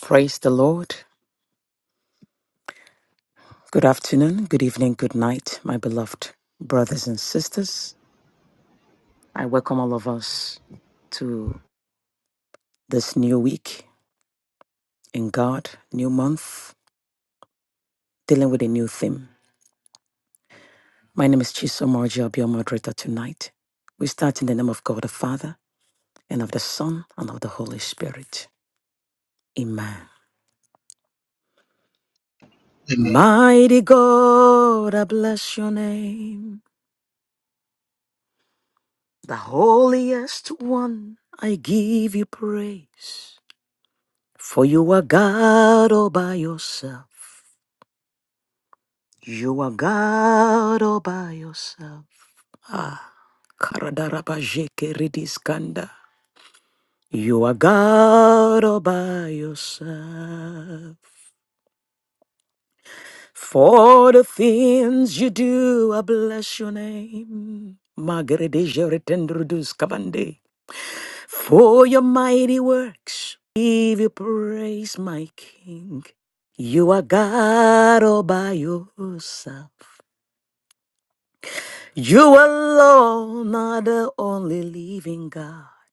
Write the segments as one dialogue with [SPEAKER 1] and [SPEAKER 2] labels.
[SPEAKER 1] Praise the Lord. Good afternoon, good evening, good night, my beloved brothers and sisters. I welcome all of us to this new week in God, new month, dealing with a new theme. My name is Chisom Orji. I'll be your moderator tonight. We start in the name of God the Father, and of the Son, and of the Holy Spirit. Amen.
[SPEAKER 2] Amen.
[SPEAKER 1] Mighty God, I bless your name. The holiest one, I give you praise. For you are God all by yourself. You are God all by yourself. Ah, Karadarabajekeridis Kanda. You are God all by yourself. For the things you do, I bless your name. Magredejeretendrudus kabande. For your mighty works, give you praise, my King. You are God all by yourself. You alone are the only living God.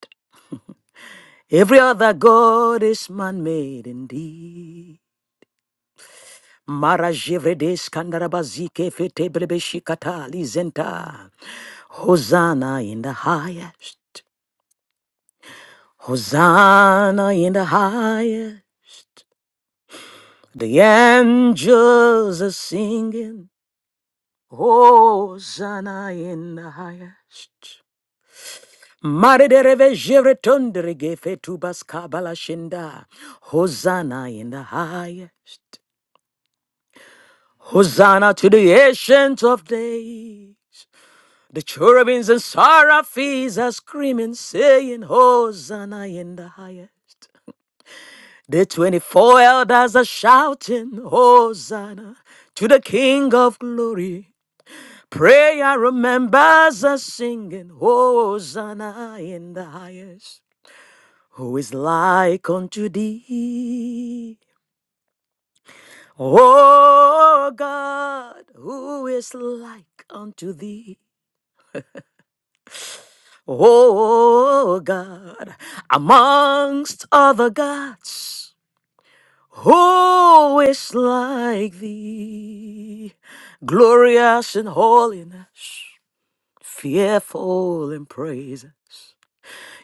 [SPEAKER 1] Every other God is man-made indeed. Mara jevredes kandarabazike fetebrebe shikata lizenta. Hosanna in the highest. Hosanna in the highest. The angels are singing, Hosanna in the highest. Maridereve jeretondere gefetubas kabala shinda. Hosanna in the highest. Hosanna to the ancient of days. The cherubims and seraphims are screaming, saying, Hosanna in the highest. The 24 elders are shouting, Hosanna to the King of glory. Prayer remembers us singing, Hosanna in the highest. Who is like unto thee? O God, who is like unto thee? O God, amongst other gods, who is like thee? Glorious in holiness, fearful in praises.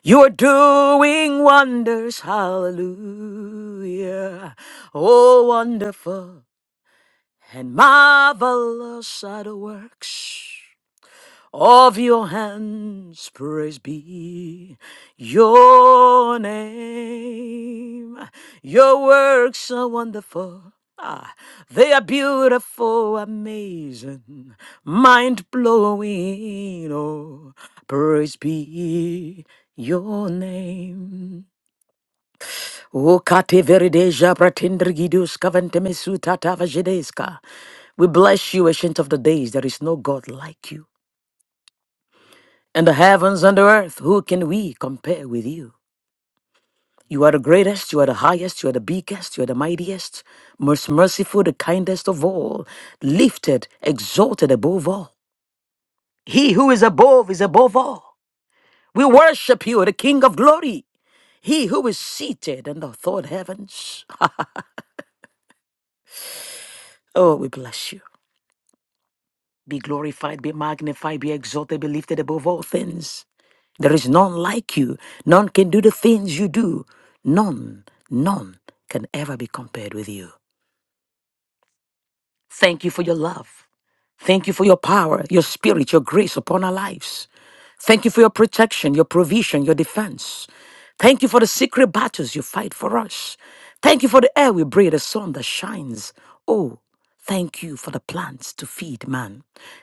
[SPEAKER 1] You are doing wonders, hallelujah. Oh, wonderful and marvelous are the works of your hands. Praise be your name. Your works are wonderful. Ah, they are beautiful, amazing, mind blowing. Oh, praise be your name. O kate verideja bratindrigidus kaventemesu tatava jedeska. We bless you, ancient of the days. There is no God like you. In the heavens and the earth, who can we compare with you? You are the greatest, you are the highest, you are the biggest, you are the mightiest, most merciful, the kindest of all, lifted, exalted above all. He who is above is above all. We worship you, the King of glory. He who is seated in the third heavens. Oh, we bless you. Be glorified, be magnified, be exalted, be lifted above all things. There is none like you. None can do the things you do. None, none can ever be compared with you. Thank you for your love. Thank you for your power, your spirit, your grace upon our lives. Thank you for your protection, your provision, your defense. Thank you for the secret battles you fight for us. Thank you for the air we breathe, the sun that shines. Oh, Thank you for the plants to feed man.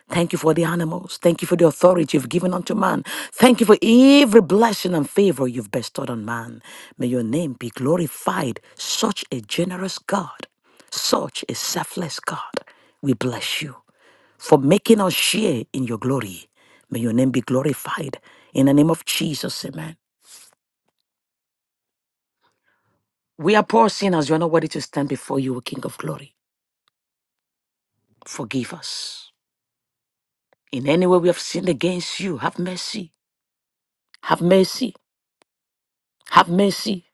[SPEAKER 1] Thank you for the animals. Thank you for the authority you've given unto man. Thank you for every blessing and favor you've bestowed on man. May your name be glorified. Such a generous God, such a selfless God. We bless you for making us share in your glory. May your name be glorified. In the name of Jesus, amen. We are poor sinners. We are not worthy to stand before you, O King of glory. Forgive us. In any way we have sinned against you, have mercy. Have mercy. Have mercy.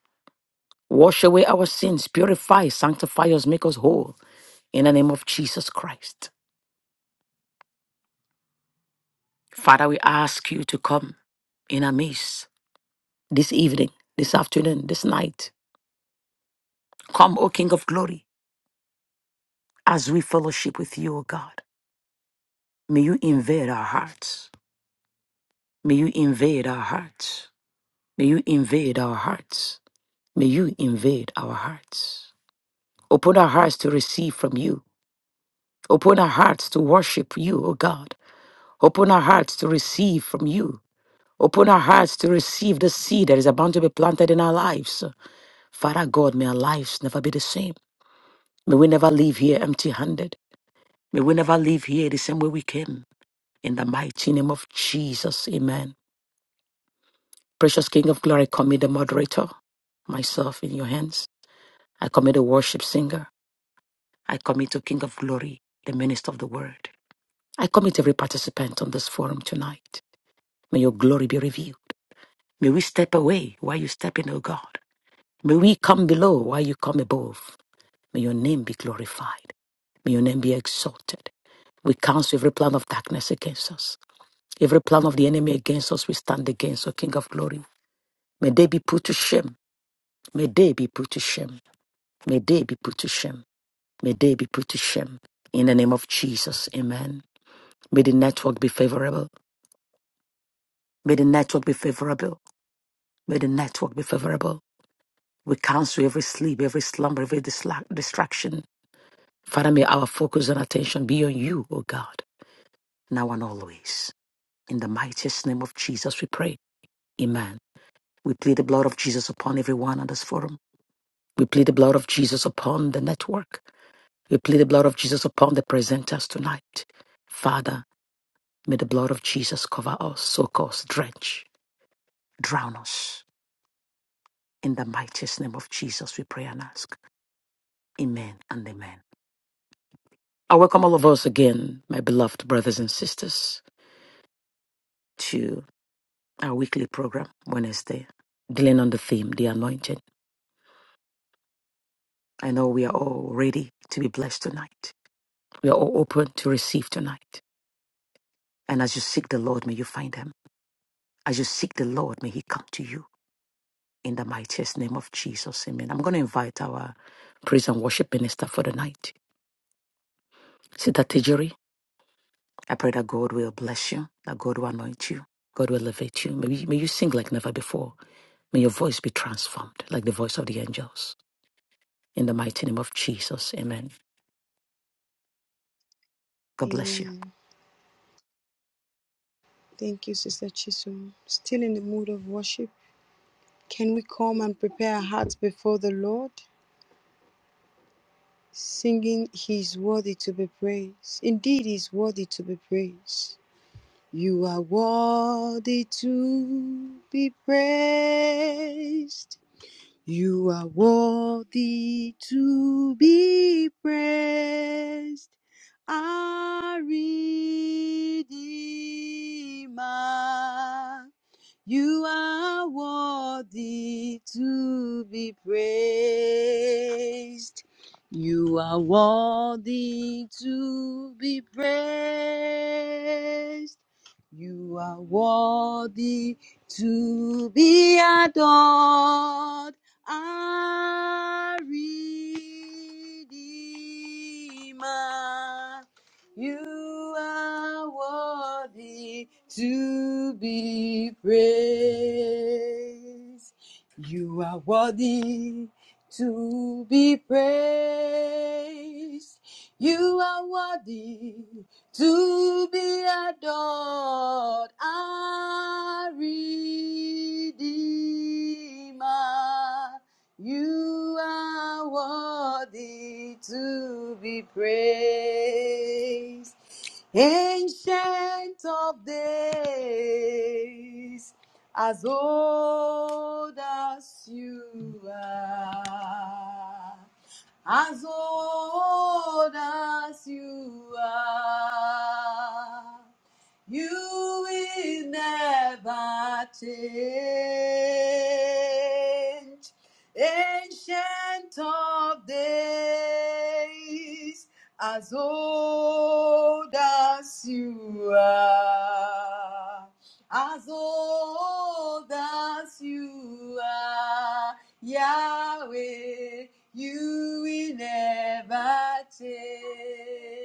[SPEAKER 1] Wash away our sins. Purify, sanctify us, make us whole. In the name of Jesus Christ. Father, we ask you to come in our midst this evening, this afternoon, this night. Come, O King of glory, as we fellowship with you, O God. May you invade our hearts. May you invade our hearts. May you invade our hearts. May you invade our hearts. Open our hearts to receive from you. Open our hearts to worship you, O God. Open our hearts to receive from you. Open our hearts to receive the seed that is about to be planted in our lives. Father God, may our lives never be the same. May we never leave here empty handed. May we never leave here the same way we came. In the mighty name of Jesus, Amen. Precious King of Glory, I commit the moderator, myself in your hands. I commit the worship singer. I commit to King of Glory, the minister of the word. I commit every participant on this forum tonight. May your glory be revealed. May we step away while you step in, O God. May we come below while you come above. May your name be glorified. May your name be exalted. We cancel every plan of darkness against us. Every plan of the enemy against us, we stand against, O King of Glory. May they be put to shame. May they be put to shame. May they be put to shame. May they be put to shame. In the name of Jesus, amen. May the network be favorable. May the network be favorable. May the network be favorable. We cancel every sleep, every slumber, every disla- distraction. Father, may our focus and attention be on you, O God, now and always. In the mightiest name of Jesus, we pray. Amen. We plead the blood of Jesus upon everyone on this forum. We plead the blood of Jesus upon the network. We plead the blood of Jesus upon the presenters tonight. Father, May the blood of Jesus cover us, soak us, drench, drown us. In the mightiest name of Jesus, we pray and ask. Amen and amen. I welcome all of us again, my beloved brothers and sisters, to our weekly program, Wednesday, dealing on the theme, the anointing. I know we are all ready to be blessed tonight. We are all open to receive tonight. And as you seek the Lord, may you find him. As you seek the Lord, may he come to you. in the mightiest name of Jesus. Amen. I'm going to invite our praise and worship minister for the night, Sister Tijeri. I pray that God will bless you, that God will anoint you, God will elevate you. May you, may you sing like never before. May your voice be transformed like the voice of the angels. In the mighty name of Jesus. Amen. God bless you.
[SPEAKER 3] Amen. Thank you, Sister Chisum. Still in the mood of worship, can we come and prepare our hearts before the Lord, singing, He is worthy to be praised. Indeed, He is worthy to be praised. You are worthy to be praised. You are worthy to be praised our Redeemer. You are worthy to be praised. You are worthy to be praised. You are worthy to be adored. Our Redeemer. You are worthy to be praised. You are worthy to be praised. You are worthy to be adored. Our Redeemer. You are worthy to be praised, ancient of days, as old as you are, as old as you are. You will never change ancient of days, as old as you are, as old as you are, Yahweh, you will never change.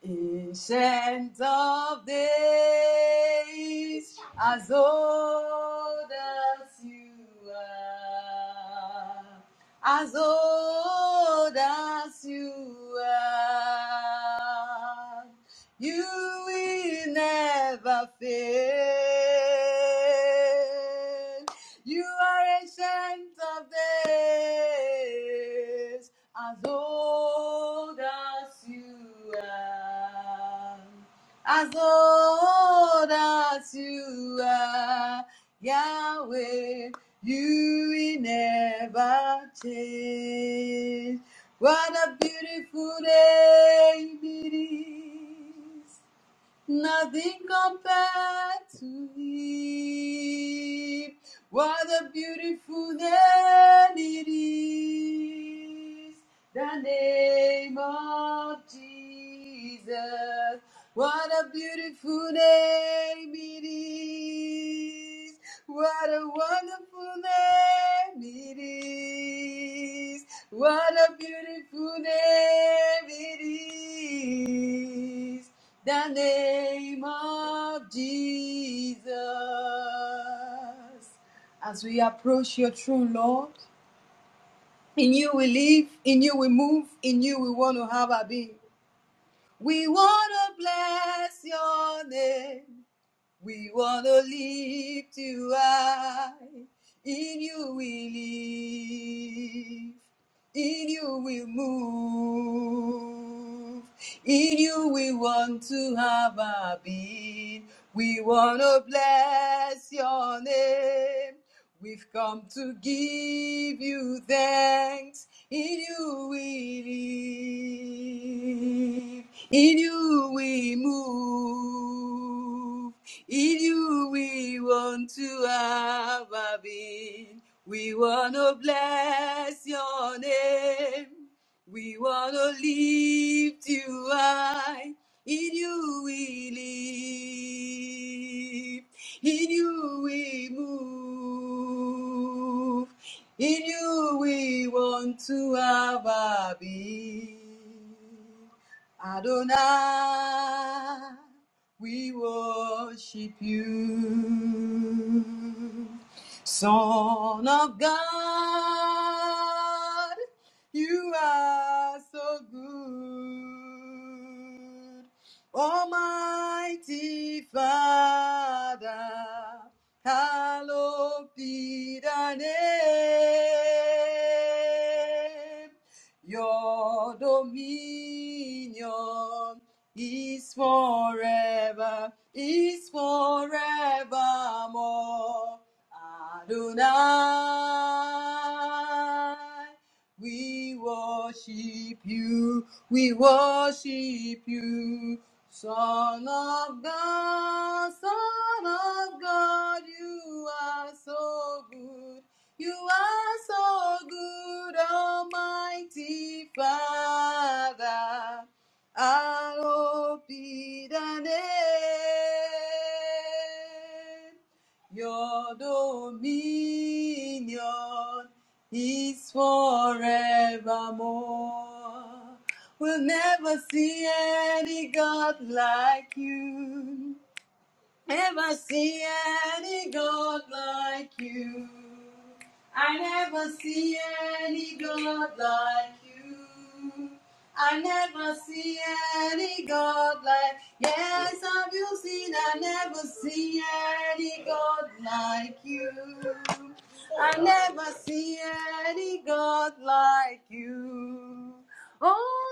[SPEAKER 3] Ancient of days, as old as you are, as old as you are, you will never fail. You are ancient of days, as old as you are, as old as you are, Yahweh. You will never change. What a beautiful day it is. Nothing compared to him. What a beautiful name it is. The name of Jesus. What a beautiful name it is. What a wonderful name it is. What a beautiful name it is. The name of Jesus. As we approach your throne, Lord, in you we live, in you we move, in you we want to have our being. We want to bless your name. We want to live to high. In you we live. In you we move. In you we want to have our being. We want to bless your name. We've come to give you thanks. In you we live. In you we move you. In you we want to have our being. We want to bless your name. We want to lift you high. In you we live. In you we move. In you we want to have our being. Adonai, we worship you, Son of God. You are so good, Almighty Father. Hallowed be thy name. Your dominion is forever, is forevermore. Adonai, we worship you, we worship you. Son of God, Son of God, you are so good. You are so good, Almighty Father. Aro pidane. Your dominion is forevermore. We'll never see any God like you. Never see any God like you. I never see any God like you. I never see any God like. Yes, have you seen? I never see any God like you. I never see any God like you. Oh,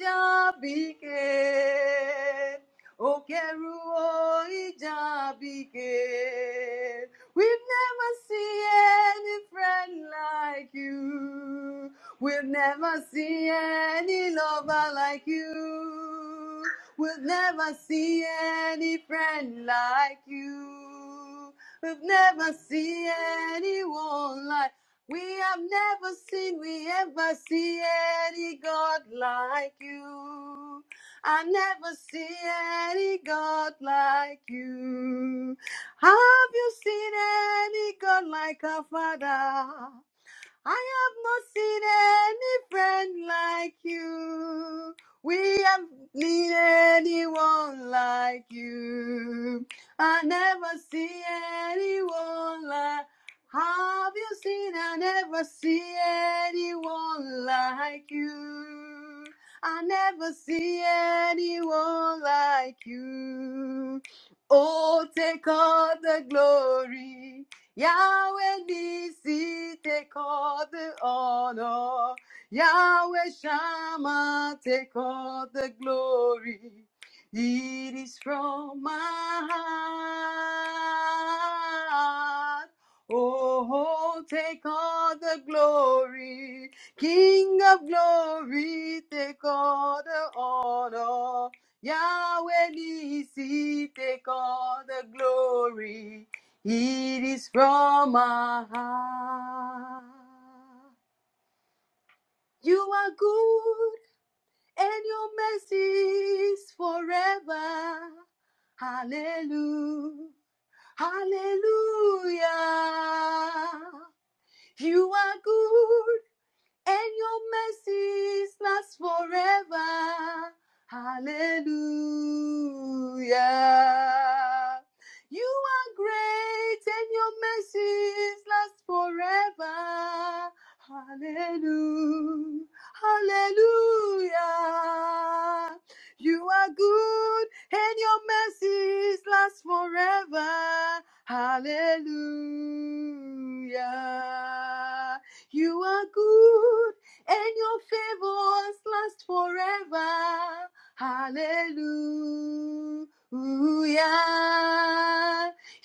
[SPEAKER 3] Geruah Ijabike. Okeru o Ijabike. We've never seen any friend like you. We've never seen any lover like you. we have never seen any friend like you. We've never seen anyone like we have never seen, we ever see any God like you. I never see any God like you. Have you seen any God like our father? I have not seen any friend like you. We have need anyone like you. I never see anyone like. Have you seen? I never see anyone like you. I never see anyone like you. Oh, take all the glory. Yahweh Nisi, take all the honor. Yahweh Shammah, take all the glory. It is from my heart. Oh, oh, take all the glory. King of glory, take all the honor. Yahweh Nisi, take all the glory. It is from my heart. You are good and your mercy is forever. Hallelujah. Hallelujah. You are good and your mercies last forever. Hallelujah. You are great and your mercies last forever. Hallelujah. Hallelujah. You are good and your mercies last forever. Hallelujah. You are good, and your favors last forever. Hallelujah.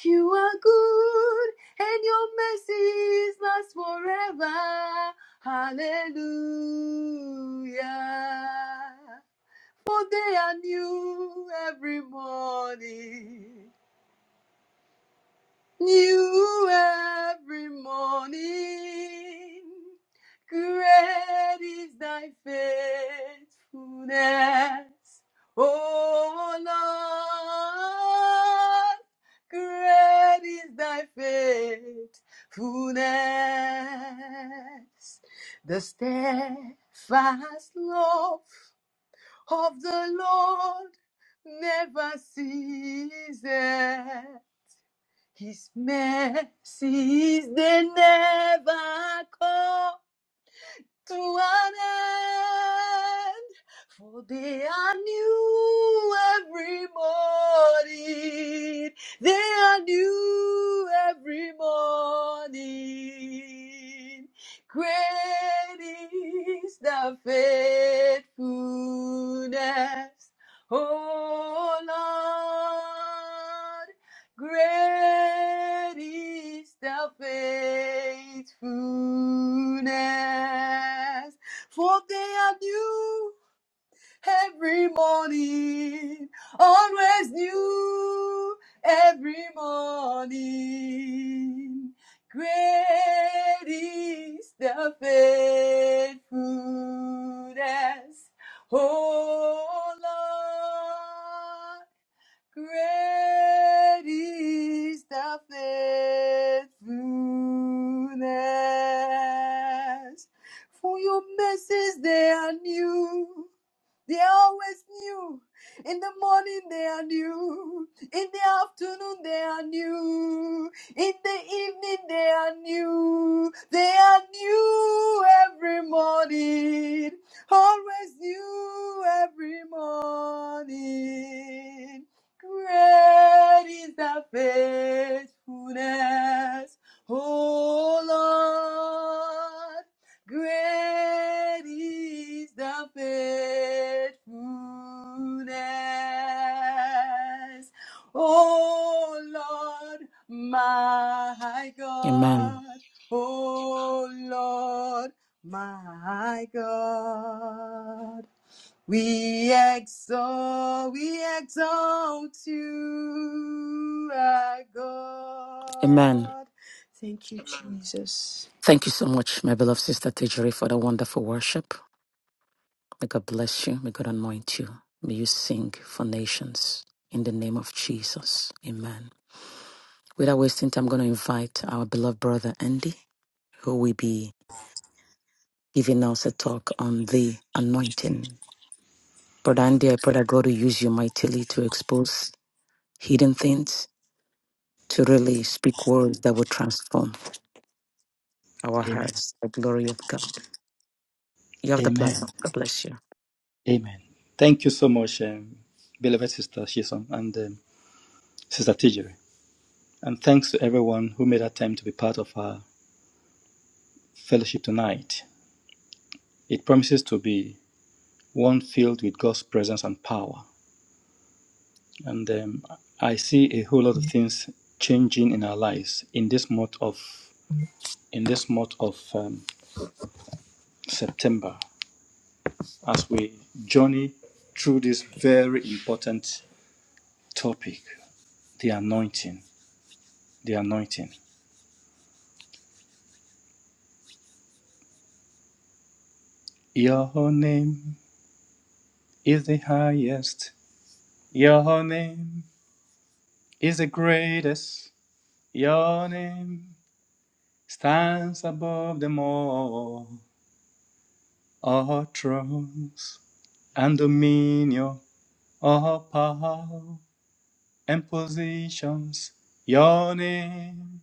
[SPEAKER 3] You are good, and your mercies last forever. Hallelujah. For they are new every morning. New every morning, great is thy faithfulness. O Lord, great is thy faithfulness. The steadfast love of the Lord never ceases. His mercies they never come to an end, for they are new every morning. They are new every morning. Great is the faithfulness, oh Lord. Great is thy faithfulness, for they are new every morning, always new every morning. Great is thy faithfulness, oh Lord. Great is thy faithfulness. For your mercies they are new they are always new. In the morning they are new. In the afternoon they are new. In the evening they are new. They are new every morning. Always new every morning. Great is thy faithfulness, O Lord. Great is the faithfulness, oh Lord, my God,
[SPEAKER 1] Amen.
[SPEAKER 3] oh Lord, my God. We exalt, we exalt you, our
[SPEAKER 1] Amen.
[SPEAKER 3] God. Thank you, Jesus.
[SPEAKER 1] Thank you so much, my beloved sister Tijeri, for the wonderful worship. May God bless you. May God anoint you. May you sing for nations. In the name of Jesus. Amen. Without wasting time, I'm going to invite our beloved brother Andy, who will be giving us a talk on the anointing. Brother Andy, I pray that God will use you mightily to expose hidden things, to really speak words that will transform our
[SPEAKER 4] Amen.
[SPEAKER 1] hearts, the glory of God. You have the
[SPEAKER 4] Amen.
[SPEAKER 1] platform. God bless you.
[SPEAKER 4] Amen. Thank you so much, um, beloved Sister Shison and um, Sister Tijeri. And thanks to everyone who made a time to be part of our fellowship tonight. It promises to be one filled with God's presence and power. And um, I see a whole lot of things changing in our lives in this month of in this month of um, September as we journey through this very important topic, the anointing. The anointing. Your name is the highest. Your name is the greatest. Your name stands above them all. All thrones and dominion, all power and positions. Your name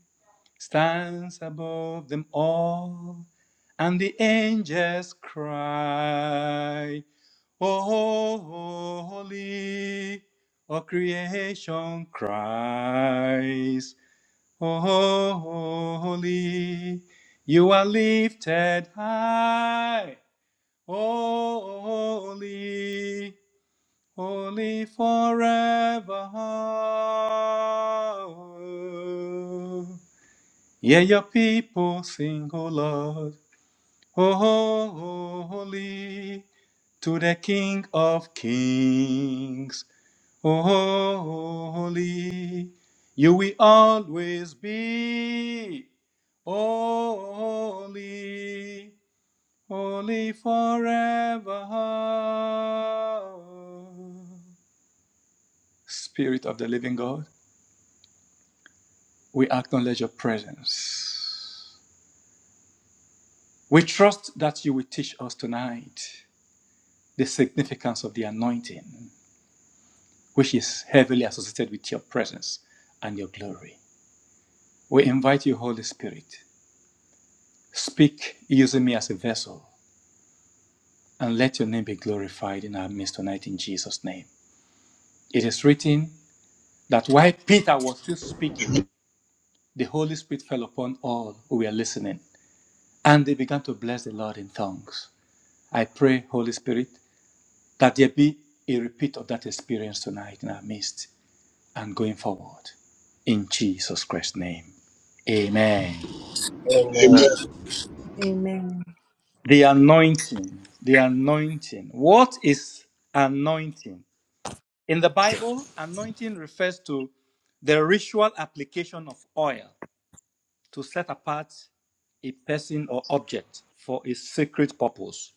[SPEAKER 4] stands above them all. And the angels cry. Holy, all creation cries. Holy, you are lifted high. Holy, holy forever. Yeah, your people sing, O Lord. Oh, holy to the King of Kings. Oh, holy you will always be. Holy, holy forever. Spirit of the living God, we acknowledge your presence. We trust that you will teach us tonight the significance of the anointing. which is heavily associated with your presence and your glory. We invite you, Holy Spirit, speak using me as a vessel and let your name be glorified in our midst tonight in Jesus' name. It is written that while Peter was still speaking, the Holy Spirit fell upon all who were listening and they began to bless the Lord in tongues. I pray, Holy Spirit, that there be a repeat of that experience tonight in our midst and going forward. In Jesus Christ's name. Amen.
[SPEAKER 2] Amen.
[SPEAKER 5] Amen.
[SPEAKER 3] Amen.
[SPEAKER 4] The anointing. The anointing. What is anointing? In the Bible, anointing refers to the ritual application of oil to set apart a person or object for a sacred purpose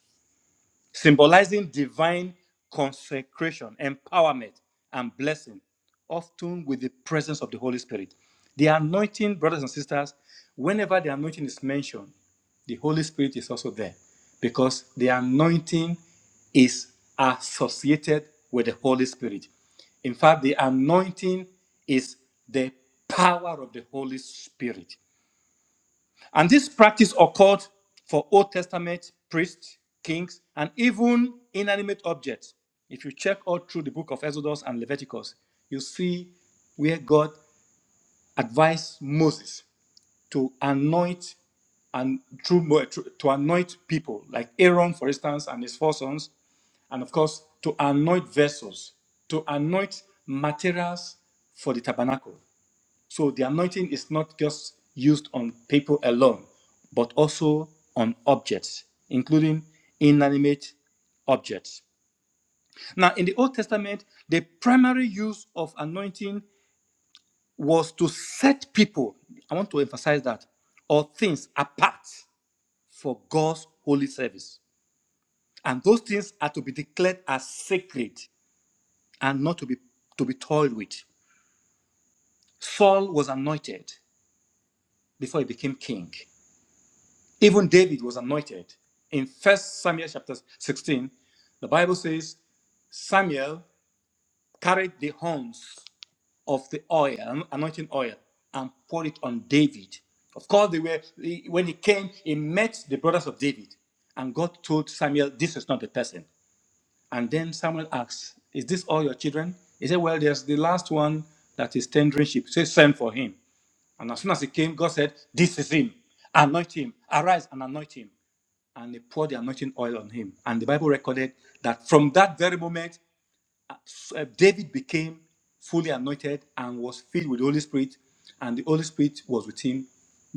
[SPEAKER 4] symbolizing divine consecration, empowerment, and blessing, often with the presence of the Holy Spirit. The anointing, brothers and sisters, whenever the anointing is mentioned, the Holy Spirit is also there because the anointing is associated with the Holy Spirit. In fact, the anointing is the power of the Holy Spirit. And this practice occurred for Old Testament priests, kings, and even inanimate objects. If you check all through the book of Exodus and Leviticus, you see where God advised Moses to anoint and through to anoint people, like Aaron, for instance, and his four sons, and of course to anoint vessels, to anoint materials for the tabernacle. So the anointing is not just used on people alone, but also on objects, including inanimate objects. Now, in the Old Testament, the primary use of anointing was to set people, I want to emphasize that, or things apart for God's holy service. And those things are to be declared as sacred and not to be to be toyed with. Saul was anointed before he became king. Even David was anointed. In First Samuel chapter 16, the Bible says Samuel carried the horns of the oil, anointing oil, and poured it on David. Of course, they were when he came, he met the brothers of David, and God told Samuel, "This is not the person." And then Samuel asked, "Is this all your children?" He said, "Well, there's the last one that is tendering sheep." So he sent for him, and as soon as he came, God said, "This is him. Anoint him. Arise and anoint him." and they poured the anointing oil on him. And the Bible recorded that from that very moment, uh, uh, David became fully anointed and was filled with the Holy Spirit, and the Holy Spirit was with him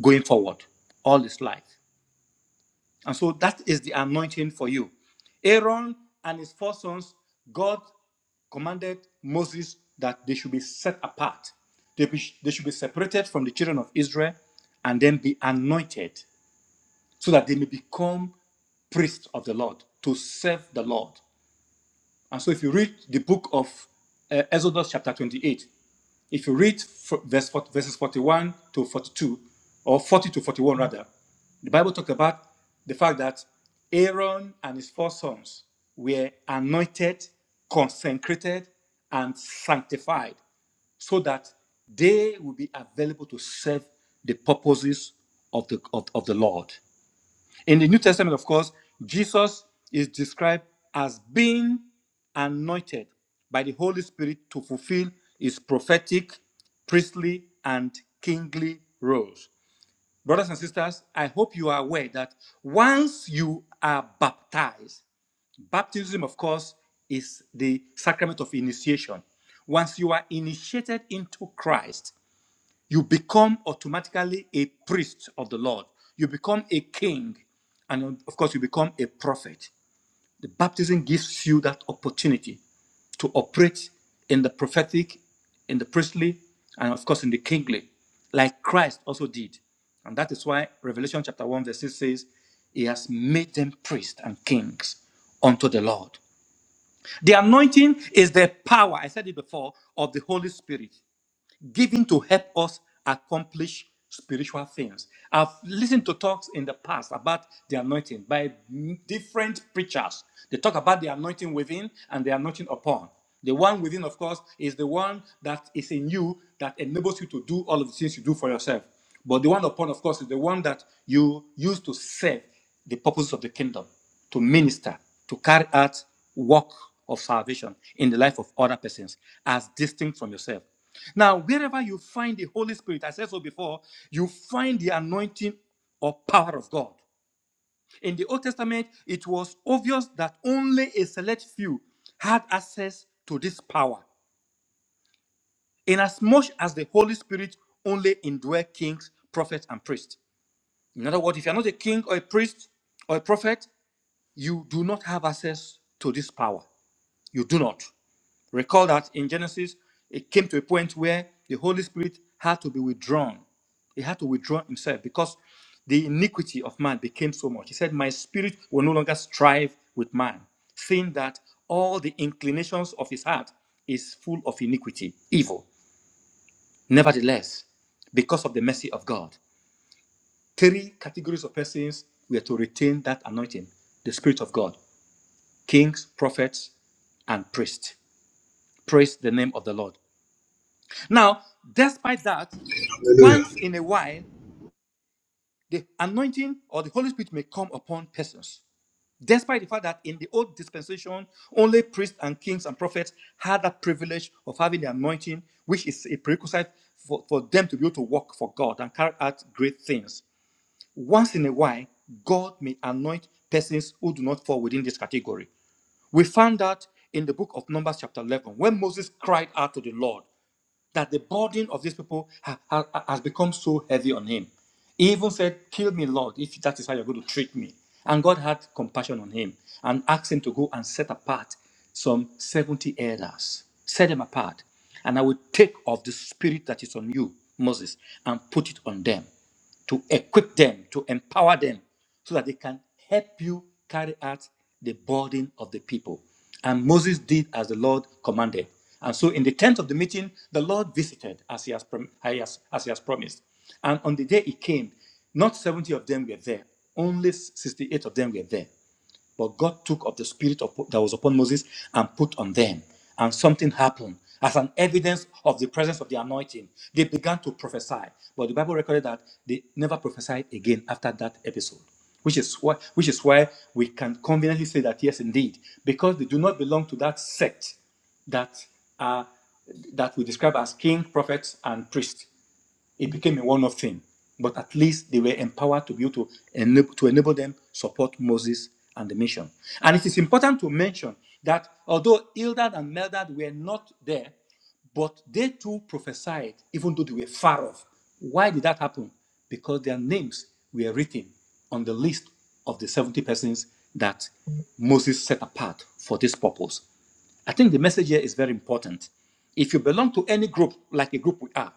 [SPEAKER 4] going forward all his life. And so that is the anointing for you. Aaron and his four sons, God commanded Moses that they should be set apart. They, be- they should be separated from the children of Israel and then be anointed so that they may become priests of the Lord to serve the Lord. And so, if you read the book of uh, Exodus, chapter 28, if you read verse 40, verses 41 to 42, or 40 to 41, rather, the Bible talks about the fact that Aaron and his four sons were anointed, consecrated, and sanctified so that they will be available to serve the purposes of the, of, of the Lord. In the New Testament, of course, Jesus is described as being anointed by the Holy Spirit to fulfill his prophetic, priestly, and kingly roles. Brothers and sisters, I hope you are aware that once you are baptized, baptism, of course, is the sacrament of initiation. Once you are initiated into Christ, you become automatically a priest of the Lord. You become a king. And uh, of course, you become a prophet. The baptism gives you that opportunity to operate in the prophetic, in the priestly, and of course, in the kingly, like Christ also did. And that is why Revelation chapter 1, verse 6 says, He has made them priests and kings unto the Lord. The anointing is the power, I said it before, of the Holy Spirit given to help us accomplish spiritual things. I've listened to talks in the past about the anointing by different preachers. They talk about the anointing within and the anointing upon. The one within, of course, is the one that is in you that enables you to do all of the things you do for yourself. But the one upon, of course, is the one that you use to serve the purposes of the kingdom to minister, to carry out work of salvation in the life of other persons as distinct from yourself. Now, wherever you find the Holy Spirit, I said so before, you find the anointing or power of God. In the Old Testament, it was obvious that only a select few had access to this power, inasmuch as the Holy Spirit only indwelt kings, prophets, and priests. In other words, if you're not a king or a priest or a prophet, you do not have access to this power. you do not. Recall that in Genesis, it came to a point where the Holy Spirit had to be withdrawn. He had to withdraw himself because the iniquity of man became so much. He said, My spirit will no longer strive with man, seeing that all the inclinations of his heart is full of iniquity, evil. Nevertheless, because of the mercy of God, three categories of persons were to retain that anointing the Spirit of God, kings, prophets, and priests. Praise the name of the Lord. Now, despite that,
[SPEAKER 2] Hallelujah.
[SPEAKER 4] once in a while, the anointing or the Holy Spirit may come upon persons. Despite the fact that in the old dispensation, only priests and kings and prophets had that privilege of having the anointing, which is a prerequisite for, for them to be able to work for God and carry out great things. Once in a while, God may anoint persons who do not fall within this category. We found out in the book of Numbers, chapter 11, when Moses cried out to the Lord that the burden of these people ha- ha- has become so heavy on him. He even said, Kill me, Lord, if that is how you're going to treat me. And God had compassion on him and asked him to go and set apart some 70 elders. Set them apart. And I will take of the spirit that is on you, Moses, and put it on them to equip them, to empower them, so that they can help you carry out the burden of the people. And Moses did as the Lord commanded. And so, in the tent of the meeting, the Lord visited as he has, prom- as as he has promised. And on the day he came, not 70 of them were there, only 68 of them were there. But God took of the spirit of, that was upon Moses and put on them, and something happened. As an evidence of the presence of the anointing, they began to prophesy. But the Bible recorded that they never prophesied again after that episode, which is why, which is why we can conveniently say that yes, indeed, because they do not belong to that sect that are that we describe as king, prophets, and priests. It became a one-off thing, but at least they were empowered to be able to enable, to enable them support Moses and the mission. And it is important to mention that although Eldad and Meldad were not there, but they too prophesied, even though they were far off. Why did that happen? Because their names were written on the list of the 70 persons that Moses set apart for this purpose. I think the message here is very important. If you belong to any group, like a group we are,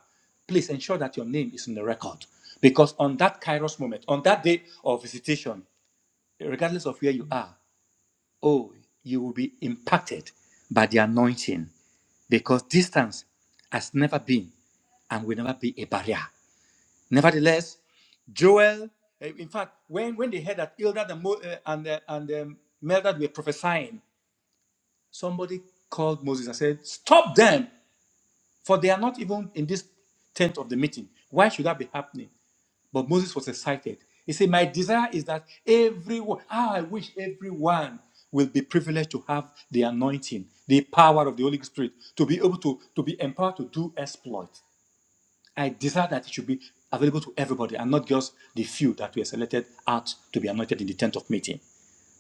[SPEAKER 4] please ensure that your name is in the record. Because on that Kairos moment, on that day of visitation, regardless of where you are, oh, you will be impacted by the anointing. Because distance has never been and will never be a barrier. Nevertheless, Joel, eh, in fact, when, when they heard that Eldad and, Mo, eh, and, eh, and um, Meldad were prophesying, somebody called Moses and said, Stop them. For they are not even in this tent of the meeting. Why should that be happening? But Moses was excited. He said, My desire is that everyone, how I wish everyone will be privileged to have the anointing, the power of the Holy Spirit, to be able to, to be empowered to do exploit. I desire that it should be available to everybody and not just the few that were selected out to be anointed in the tent of meeting.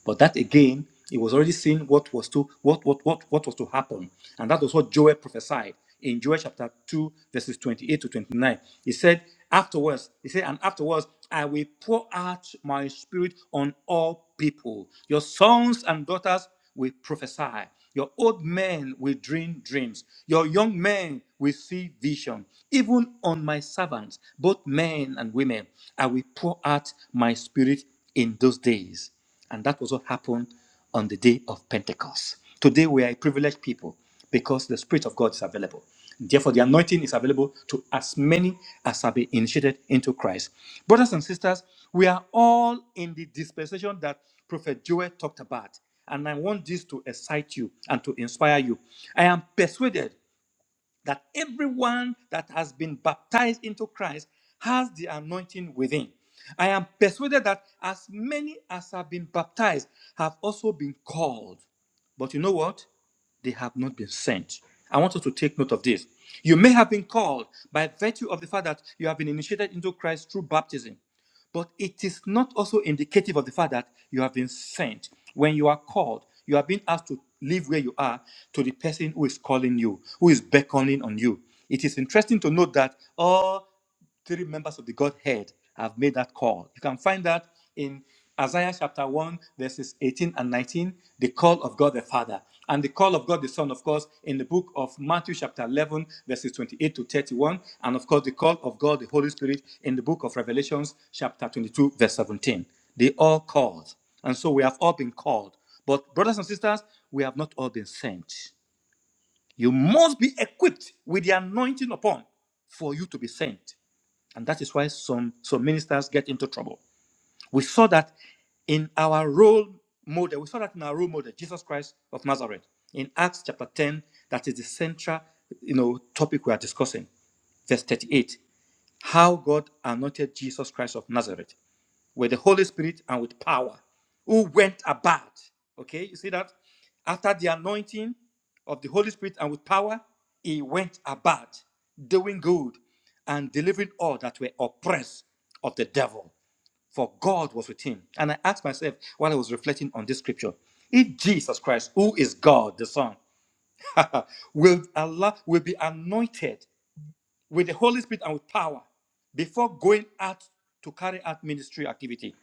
[SPEAKER 4] But that again, it was already seen what was to what what what what was to happen, and that was what Joel prophesied in Joel chapter two, verses twenty-eight to twenty-nine. He said, "Afterwards, he said, and afterwards, I will pour out my spirit on all people. Your sons and daughters will prophesy. Your old men will dream dreams. Your young men will see vision. Even on my servants, both men and women, I will pour out my spirit in those days." And that was what happened on the day of Pentecost. Today, we are a privileged people because the Spirit of God is available. Therefore, the anointing is available to as many as have been initiated into Christ. Brothers and sisters, we are all in the dispensation that Prophet Joel talked about. And I want this to excite you and to inspire you. I am persuaded that everyone that has been baptized into Christ has the anointing within. I am persuaded that as many as have been baptized have also been called. But you know what? They have not been sent. I want you to take note of this. You may have been called by virtue of the fact that you have been initiated into Christ through baptism. But it is not also indicative of the fact that you have been sent. When you are called, you are being asked to leave where you are to the person who is calling you, who is beckoning on you. It is interesting to note that all three members of the Godhead have made that call. You can find that in Isaiah chapter 1, verses 18 and 19, the call of God the Father, and the call of God the Son, of course, in the book of Matthew chapter 11, verses 28 to 31, and of course, the call of God the Holy Spirit in the book of Revelations chapter 22, verse 17. They all called. And so we have all been called. But, brothers and sisters, we have not all been sent. You must be equipped with the anointing upon for you to be sent. And that is why some, some ministers get into trouble we saw that in our role model, we saw that in our role model, Jesus Christ of Nazareth, in Acts chapter 10, that is the central you know, topic we are discussing, verse 38, how God anointed Jesus Christ of Nazareth with the Holy Spirit and with power, who went about. Okay, you see that? After the anointing of the Holy Spirit and with power, he went about doing good and delivering all that were oppressed of the devil for God was with him. And I asked myself while I was reflecting on this scripture if Jesus Christ, who is God the Son, will, Allah will be anointed with the Holy Spirit and with power before going out to carry out ministry activity,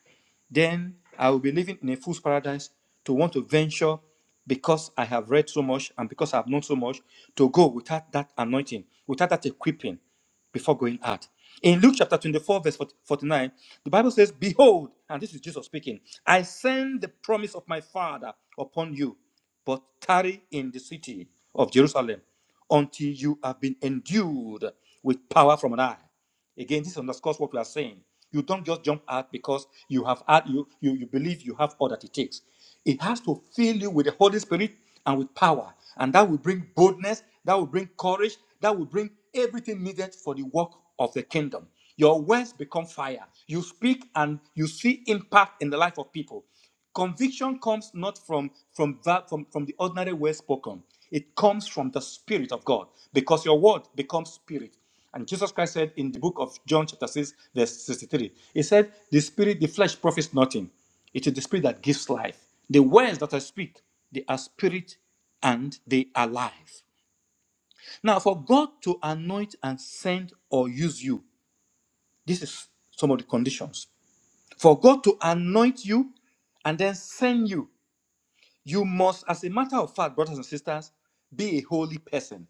[SPEAKER 4] then I will be living in a fool's paradise to want to venture because I have read so much and because I have known so much to go without that anointing, without that equipping before going out. In Luke chapter 24, verse 49, the Bible says, Behold, and this is Jesus speaking, I send the promise of my Father upon you, but tarry in the city of Jerusalem until you have been endued with power from on high. Again, this underscores what we are saying. You don't just jump out because you have had you, you you believe you have all that it takes. It has to fill you with the Holy Spirit and with power, and that will bring boldness, that will bring courage, that will bring everything needed for the work of the kingdom. Your words become fire. You speak and you see impact in the life of people. Conviction comes not from from that from, from the ordinary words spoken. It comes from the Spirit of God because your word becomes spirit. And Jesus Christ said in the book of John, chapter 6, verse 63, He said, The spirit, the flesh profits nothing. It is the spirit that gives life. The words that I speak, they are spirit and they are life. Now, for God to anoint and send or use you, this is some of the conditions. For God to anoint you and then send you, you must, as a matter of fact, brothers and sisters, be a holy person.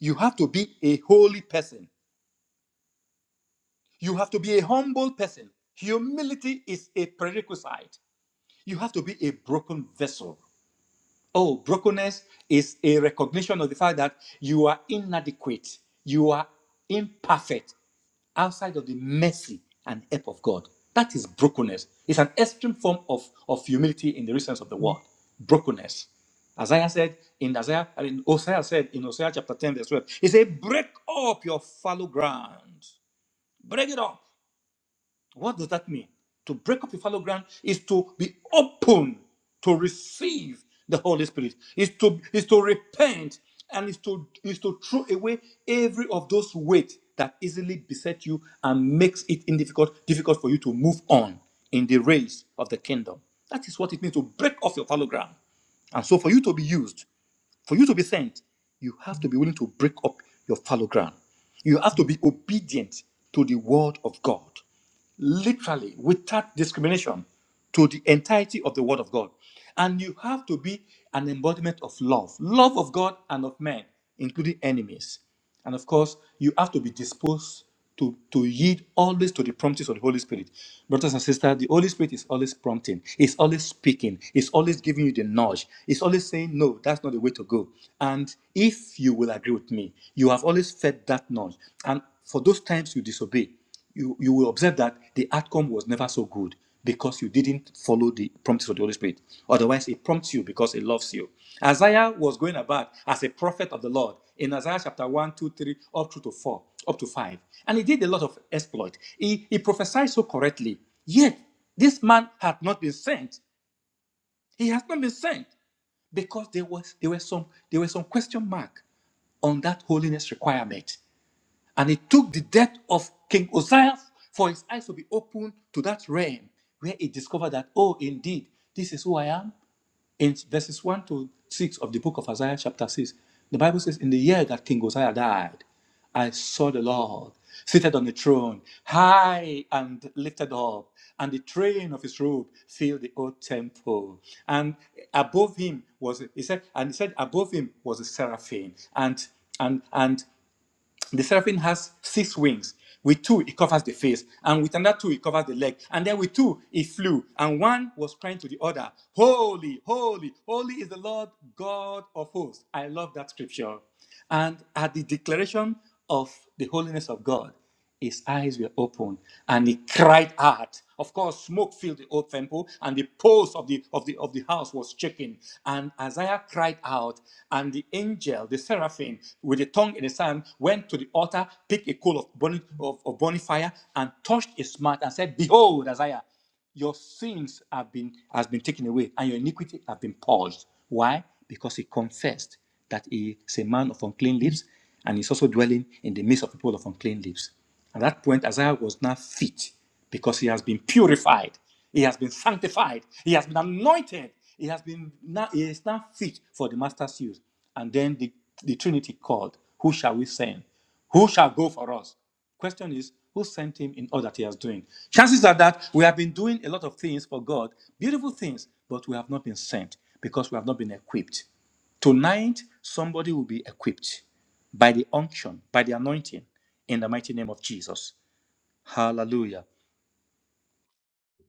[SPEAKER 4] You have to be a holy person. You have to be a humble person. Humility is a prerequisite. You have to be a broken vessel. Oh, brokenness is a recognition of the fact that you are inadequate, you are imperfect outside of the mercy and help of God. That is brokenness. It's an extreme form of, of humility in the real sense of the word. Brokenness. Isaiah said in Isaiah, I mean, Hosea said in Hosea chapter 10, verse 12, he said, Break up your fallow ground. Break it up. What does that mean? To break up your fallow ground is to be open to receive the Holy Spirit. Is to is to repent and is to is to throw away every of those weight that easily beset you and makes it in difficult difficult for you to move on in the race of the kingdom. That is what it means to break off your fallow ground. And so for you to be used, for you to be sent, you have to be willing to break up your fallow ground. You have to be obedient to the word of God literally without discrimination to the entirety of the word of God. And you have to be an embodiment of love, love of God and of men, including enemies. And of course, you have to be disposed to, to yield always to the promptings of the Holy Spirit. Brothers and sisters, the Holy Spirit is always prompting, is always speaking, is always giving you the nudge, is always saying, No, that's not the way to go. And if you will agree with me, you have always fed that nudge. And for those times you disobey, you, you will observe that the outcome was never so good because you didn't follow the promptings of the Holy Spirit. Otherwise, it prompts you because it loves you. Isaiah was going about as a prophet of the Lord in Isaiah chapter one, 2, 3, up through to 4, up to 5. And he did a lot of exploit. He, he prophesied so correctly. Yet, this man had not been sent. He has not been sent because there was there were some there were some question mark on that holiness requirement. And it took the death of King Uzziah for his eyes to be opened to that realm where he discovered that, oh, indeed, this is who I am. In verses 1 to 6 of the book of Isaiah, chapter 6, the Bible says, In the year that King Uzziah died, I saw the Lord seated on the throne, high and lifted up, and the train of his robe filled the old temple. And above him was, he said, and he said, above him was a seraphim. And and and the seraphim has six wings. With two, it covers the face, and with another two, it covers the leg. And then with two, it flew, and one was crying to the other, Holy, holy, holy is the Lord God of hosts. I love that scripture. And at the declaration of the holiness of God, his eyes were open and he cried out. Of course, smoke filled the old temple and the post of the, of the, of the house was shaking. And Isaiah cried out, and the angel, the seraphim, with a tongue in his hand, went to the altar, picked a coal of burning, of, of burning fire, and touched his mouth and said, Behold, Isaiah. Your sins have been has been taken away, and your iniquity have been purged. Why? Because he confessed that he is a man of unclean lips, and he's also dwelling in the midst of people of unclean lips. At that point, Isaiah was now fit because he has been purified, he has been sanctified, he has been anointed, he has been now he is now fit for the master's use. And then the, the Trinity called, Who shall we send? Who shall go for us? Question is, who sent him in all that he has doing? Chances are that we have been doing a lot of things for God, beautiful things, but we have not been sent because we have not been equipped. Tonight, somebody will be equipped by the unction, by the anointing, in the mighty name of Jesus. Hallelujah.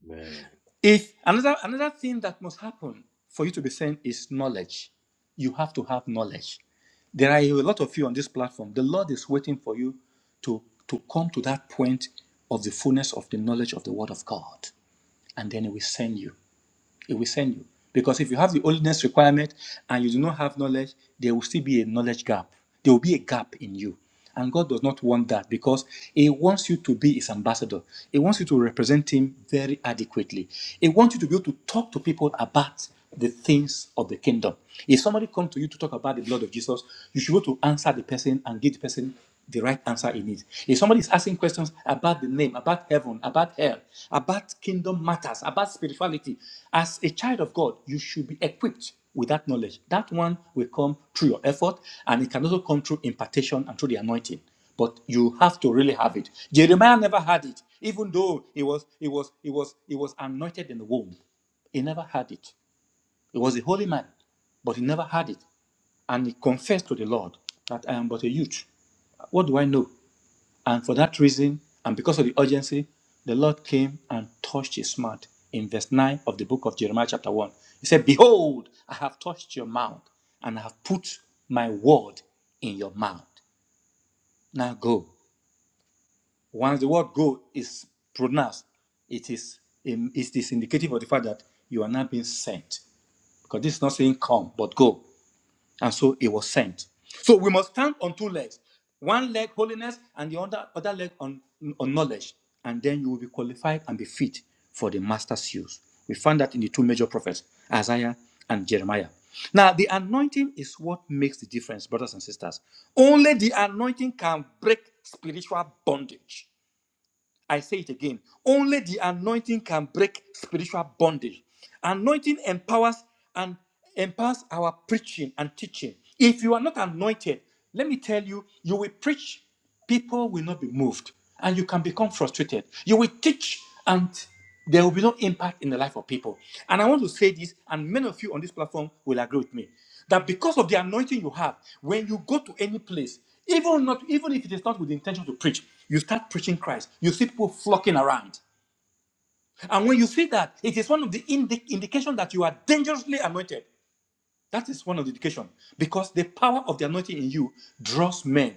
[SPEAKER 6] Amen.
[SPEAKER 4] If another another thing that must happen for you to be sent is knowledge. You have to have knowledge. There are a lot of you on this platform. The Lord is waiting for you to, to come to that point of the fullness of the knowledge of the Word of God. And then He will send you. It will send you. Because if you have the holiness requirement and you do not have knowledge, there will still be a knowledge gap. There will be a gap in you. And God does not want that because He wants you to be His ambassador. He wants you to represent Him very adequately. He wants you to be able to talk to people about the things of the kingdom. If somebody comes to you to talk about the blood of Jesus, you should go to answer the person and give the person the right answer in it. If somebody is asking questions about the name, about heaven, about hell, about kingdom matters, about spirituality, as a child of God, you should be equipped with that knowledge. That one will come through your effort, and it can also come through impartation and through the anointing. But you have to really have it. Jeremiah never had it, even though he was he was he was he was anointed in the womb. He never had it. He was a holy man, but he never had it. And he confessed to the Lord that I am but a youth. What do I know? And for that reason, and because of the urgency, the Lord came and touched his mouth. In verse 9 of the book of Jeremiah, chapter 1, he said, Behold, I have touched your mouth, and I have put my word in your mouth. Now go. Once the word go is pronounced, it is, it is indicative of the fact that you are now being sent. Because this is not saying come, but go. and so he was sent. So we must stand on two legs one leg holiness and the other, other leg on, on knowledge, and then you will be qualified and be fit for the master's use. We found that in the two major prophets, Isaiah and Jeremiah. Now, the anointing is what makes the difference, brothers and sisters. Only the anointing can break spiritual bondage. I say it again. Only the anointing can break spiritual bondage. Anointing empowers and empowers our preaching and teaching. If you are not anointed, let me tell you, you will preach, people will not be moved, and you can become frustrated. You will teach, and there will be no impact in the life of people. And I want to say this, and many of you on this platform will agree with me that because of the anointing you have, when you go to any place, even not even if it is not with the intention to preach, you start preaching Christ. You see people flocking around, and when you see that, it is one of the indi- indication that you are dangerously anointed. That is one of the indication because the power of the anointing in you draws men,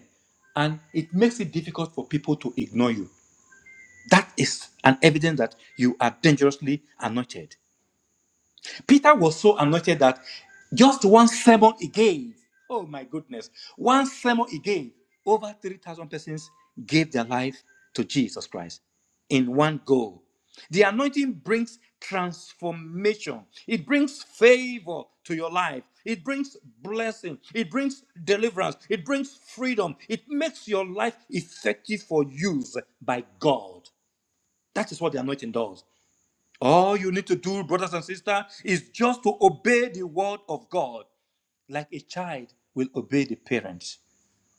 [SPEAKER 4] and it makes it difficult for people to ignore you. That is an evidence that you are dangerously anointed. Peter was so anointed that just one sermon he gave, oh my goodness, one sermon he gave, over 3,000 persons gave their life to Jesus Christ in one go. The anointing brings transformation, it brings favor to your life, it brings blessing, it brings deliverance, it brings freedom, it makes your life effective for use by God. That is what the anointing does. All you need to do, brothers and sisters, is just to obey the word of God like a child will obey the parents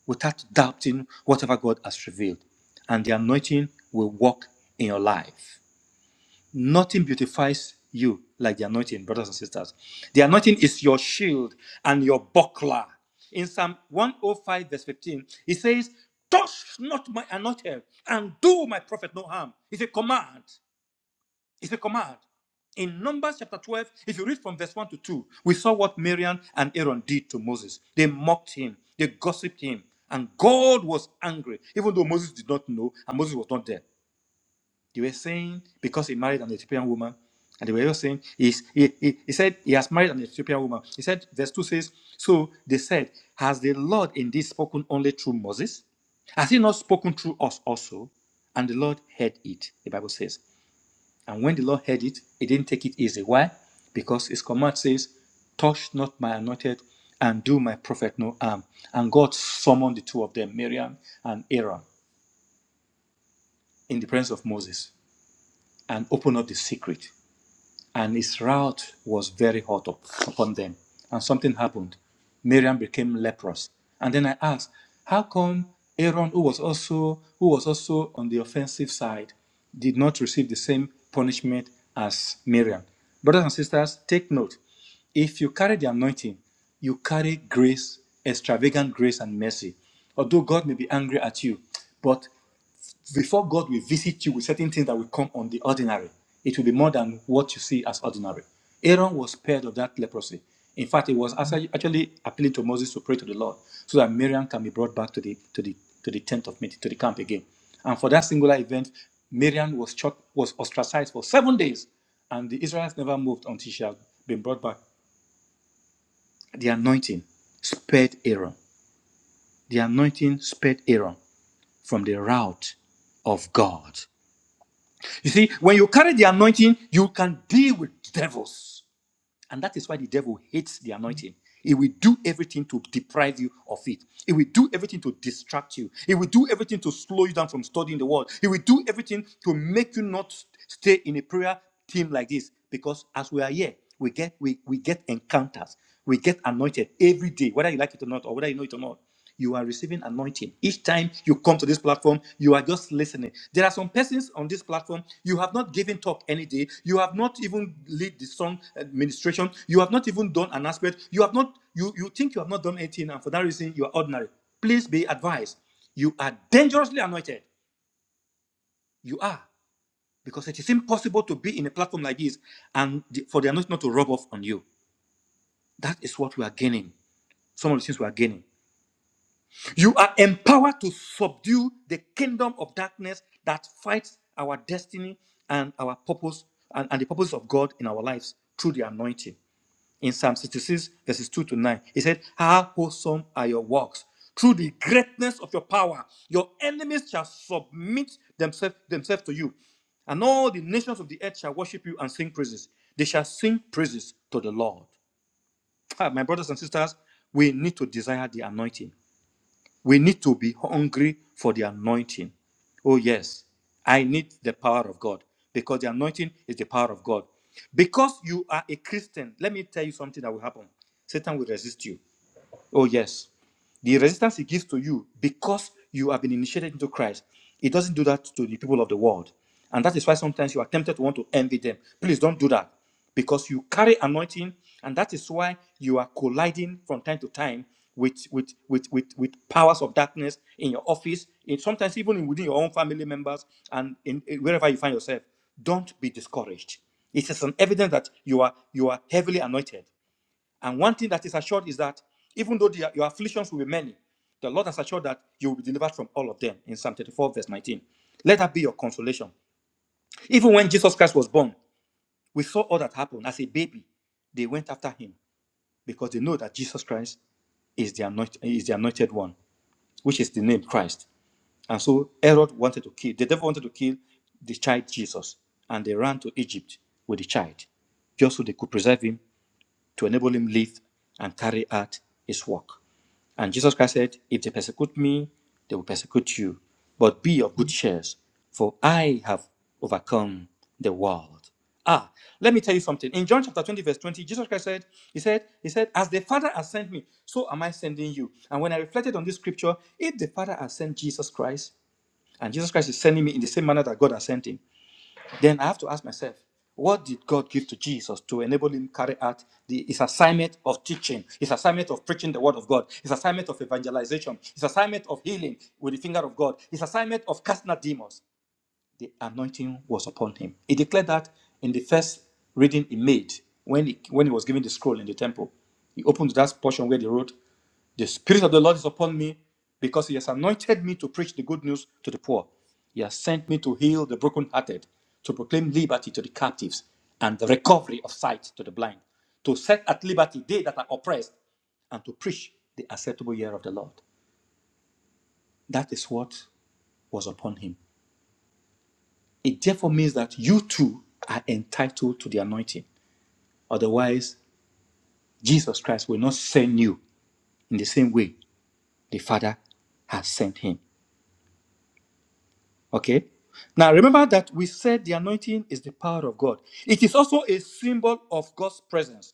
[SPEAKER 4] without doubting whatever God has revealed. And the anointing will work in your life. Nothing beautifies you like the anointing, brothers and sisters. The anointing is your shield and your buckler. In Psalm 105, verse 15, he says, Touch not my anointed and do my prophet no harm. It's a command. It's a command. In Numbers chapter 12, if you read from verse 1 to 2, we saw what Miriam and Aaron did to Moses. They mocked him, they gossiped him, and God was angry, even though Moses did not know and Moses was not there. They were saying, because he married an Ethiopian woman, and they were just saying, he's, he, he, he said, he has married an Ethiopian woman. He said, verse 2 says, So they said, Has the Lord indeed spoken only through Moses? Has he not spoken through us also? And the Lord heard it, the Bible says. And when the Lord heard it, he didn't take it easy. Why? Because his command says, Touch not my anointed and do my prophet no harm. And God summoned the two of them, Miriam and Aaron, in the presence of Moses and opened up the secret. and his route was very hot up upon them. And something happened. Miriam became leprous. And then I asked, how come Aaron, who was also who was also on the offensive side, did not receive the same punishment as Miriam? Brothers and sisters, take note. If you carry the anointing, you carry grace, extravagant grace and mercy. Although God may be angry at you, but before God will visit you with certain things that will come on the ordinary, it will be more than what you see as ordinary. Aaron was spared of that leprosy. In fact, it was actu- actually appealing to Moses to pray to the Lord so that Miriam can be brought back to the to the to the tent of meeting, to the camp again. And for that singular event, Miriam was shot, was ostracized for seven days, and the Israelites never moved until she had been brought back. The anointing spared Aaron. The anointing spared Aaron from the wrath of God. You see, when you carry the anointing, you can deal with devils. And that is why the devil hates the anointing. He will do everything to deprive you of it. He will do everything to distract you. He will do everything to slow you down from studying the word. He will do everything to make you not stay in a prayer team like this. Because as we are here, we get we, we get encounters. We get anointed every day, whether you like it or not, or whether you know it or not you are receiving anointing each time you come to this platform you are just listening there are some persons on this platform you have not given talk any day you have not even lead the song administration you have not even done an aspect you have not you you think you have not done anything and for that reason you are ordinary please be advised you are dangerously anointed you are because it is impossible to be in a platform like this and the- for the anointing not to rub off on you that is what we are gaining some of the things we are gaining You are empowered to subdue the kingdom of darkness that fights our destiny and our purpose and, and the purpose of God in our lives through the anointing. In Psalm 66, verses 2 to 9, it said, How wholesome are your works! Through the greatness of your power, your enemies shall submit themselves, themselves to you. And all the nations of the earth shall worship you and sing praises. They shall sing praises to the Lord. Ah, my brothers and sisters, we need to desire the anointing. We need to be hungry for the anointing. Oh, yes, I need the power of God because the anointing is the power of God. Because you are a Christian, let me tell you something that will happen Satan will resist you. Oh, yes. The resistance he gives to you because you have been initiated into Christ, it doesn't do that to the people of the world. And that is why sometimes you are tempted to want to envy them. Please don't do that because you carry anointing, and that is why you are colliding from time to time with, with, with, with, with powers of darkness in your office, in, sometimes even in- within your own family members and in, in wherever you find yourself. Don't be discouraged. It is an evidence that you are you are heavily anointed. And one thing that is assured is that even though the- your afflictions will be many, the Lord has assured that you will be delivered from all of them in Psalm 34, verse 19. Let that be your consolation. Even when Jesus Christ was born, we saw all that happened. As a baby, they went after him because they know that Jesus Christ is the anointed, is the anointed one, which is the name Christ. And so Herod wanted to kill, the devil wanted to kill the child Jesus, and they ran to Egypt with the child, just so they could preserve him to enable him live and carry out his work. And Jesus Christ said, If they persecute me, they will persecute you. But be of good cheer, for I have overcome the world. Ah, let me tell you something. In John chapter 20, verse 20, Jesus Christ said, He said, He said, As the Father has sent me, so am I sending you. And when I reflected on this scripture, if the Father has sent Jesus Christ, and Jesus Christ is sending me in the same manner that God has sent him. Then I have to ask myself, what did God give to Jesus to enable him to carry out the, his assignment of teaching, his assignment of preaching the word of God, his assignment of evangelization, his assignment of healing with the finger of God, his assignment of casting out demons? the anointing was upon him. He declared that in the first reading he made when he, when he was given the scroll in the temple. He opened that portion where they wrote, The Spirit of the Lord is upon me because he has anointed me to preach the good news to the poor. He has sent me to heal the brokenhearted, to proclaim liberty to the captives, and the recovery of sight to the blind, to set at liberty they that are oppressed, and to preach the acceptable year of the Lord. That is what was upon him. It therefore means that you too are entitled to the anointing. Otherwise, Jesus Christ will not send you in the same way the Father has sent him. Okay? Now remember that we said the anointing is the power of God. It is also a symbol of God's presence.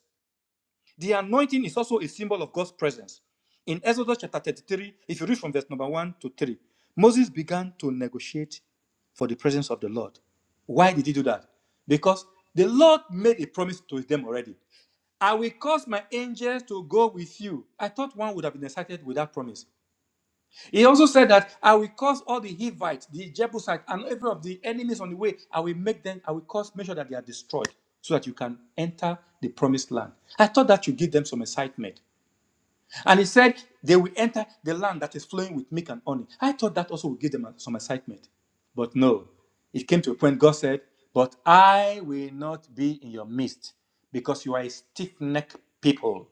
[SPEAKER 4] The anointing is also a symbol of God's presence. In Exodus chapter 33, if you read from verse number 1 to 3, Moses began to negotiate for the presence of the Lord. Why did he do that? Because the Lord made a promise to them already. I will cause my angels to go with you. I thought one would have been excited with that promise. He also said that I will cause all the Hivites, the Jebusites, and every of the enemies on the way, I will make them, I will cause, make sure that they are destroyed so that you can enter the promised land. I thought that should give them some excitement. And he said they will enter the land that is flowing with milk and honey. I thought that also would give them some excitement. But no, it came to a point God said, But I will not be in your midst because you are a stiff necked people.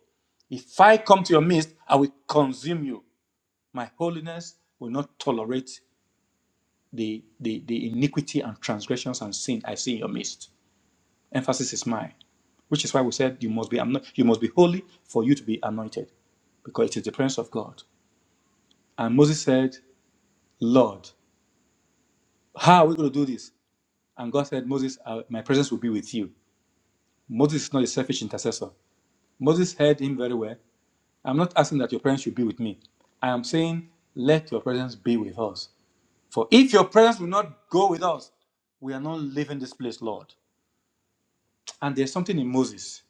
[SPEAKER 4] If I come to your midst, I will consume you my holiness will not tolerate the, the, the iniquity and transgressions and sin I see in your midst. Emphasis is mine, which is why we said you must be ano- you must be holy for you to be anointed, because it is the presence of God. And Moses said, Lord, how are we going to do this? And God said, Moses, uh, my presence will be with you. Moses is not a selfish intercessor. Moses heard him very well. I'm not asking that your presence should be with me. I am saying, let your presence be with us. For if your presence will not go with us, we are not leaving this place, Lord. And there's something in Moses.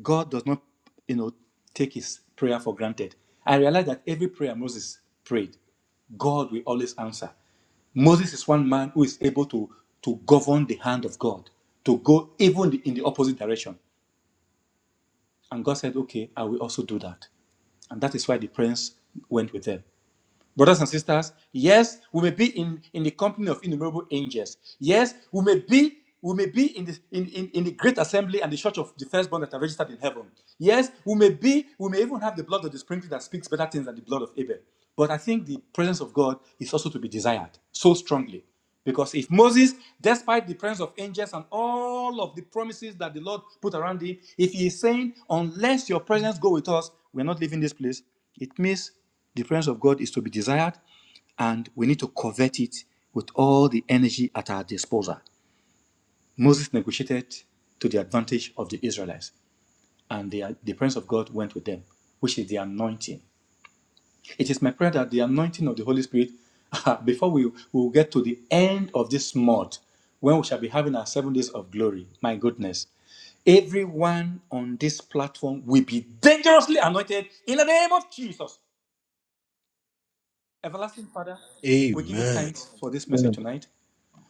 [SPEAKER 4] God does not, you know, take his prayer for granted. I realize that every prayer Moses prayed, God will always answer. Moses is one man who is able to, to govern the hand of God, to go even the- in the opposite direction. And God said, Okay, I will also do that. And that is why the prince went with them. Brothers and sisters, yes, we may be in, in the company of innumerable angels. Yes, we may be we may be in the in, in, in the great assembly and the church of the firstborn that are registered in heaven. Yes, we may be, we may even have the blood of the sprinkling that speaks better things than the blood of Abel. But I think the presence of God is also to be desired so strongly. Because if Moses, despite the presence of angels and all of the promises that the Lord put around him, if he is saying, unless your presence go with us, we're not leaving this place, it means the presence of God is to be desired, and we need to covet it with all the energy at our disposal. Moses negotiated to the advantage of the Israelites, and the, the presence of God went with them, which is the anointing. It is my prayer that the anointing of the Holy Spirit, before we, we will get to the end of this month, when we shall be having our seven days of glory, my goodness, everyone on this platform will be dangerously anointed in the name of Jesus. Everlasting Father, we give you
[SPEAKER 6] Amen.
[SPEAKER 4] thanks for this message
[SPEAKER 2] Amen.
[SPEAKER 4] tonight.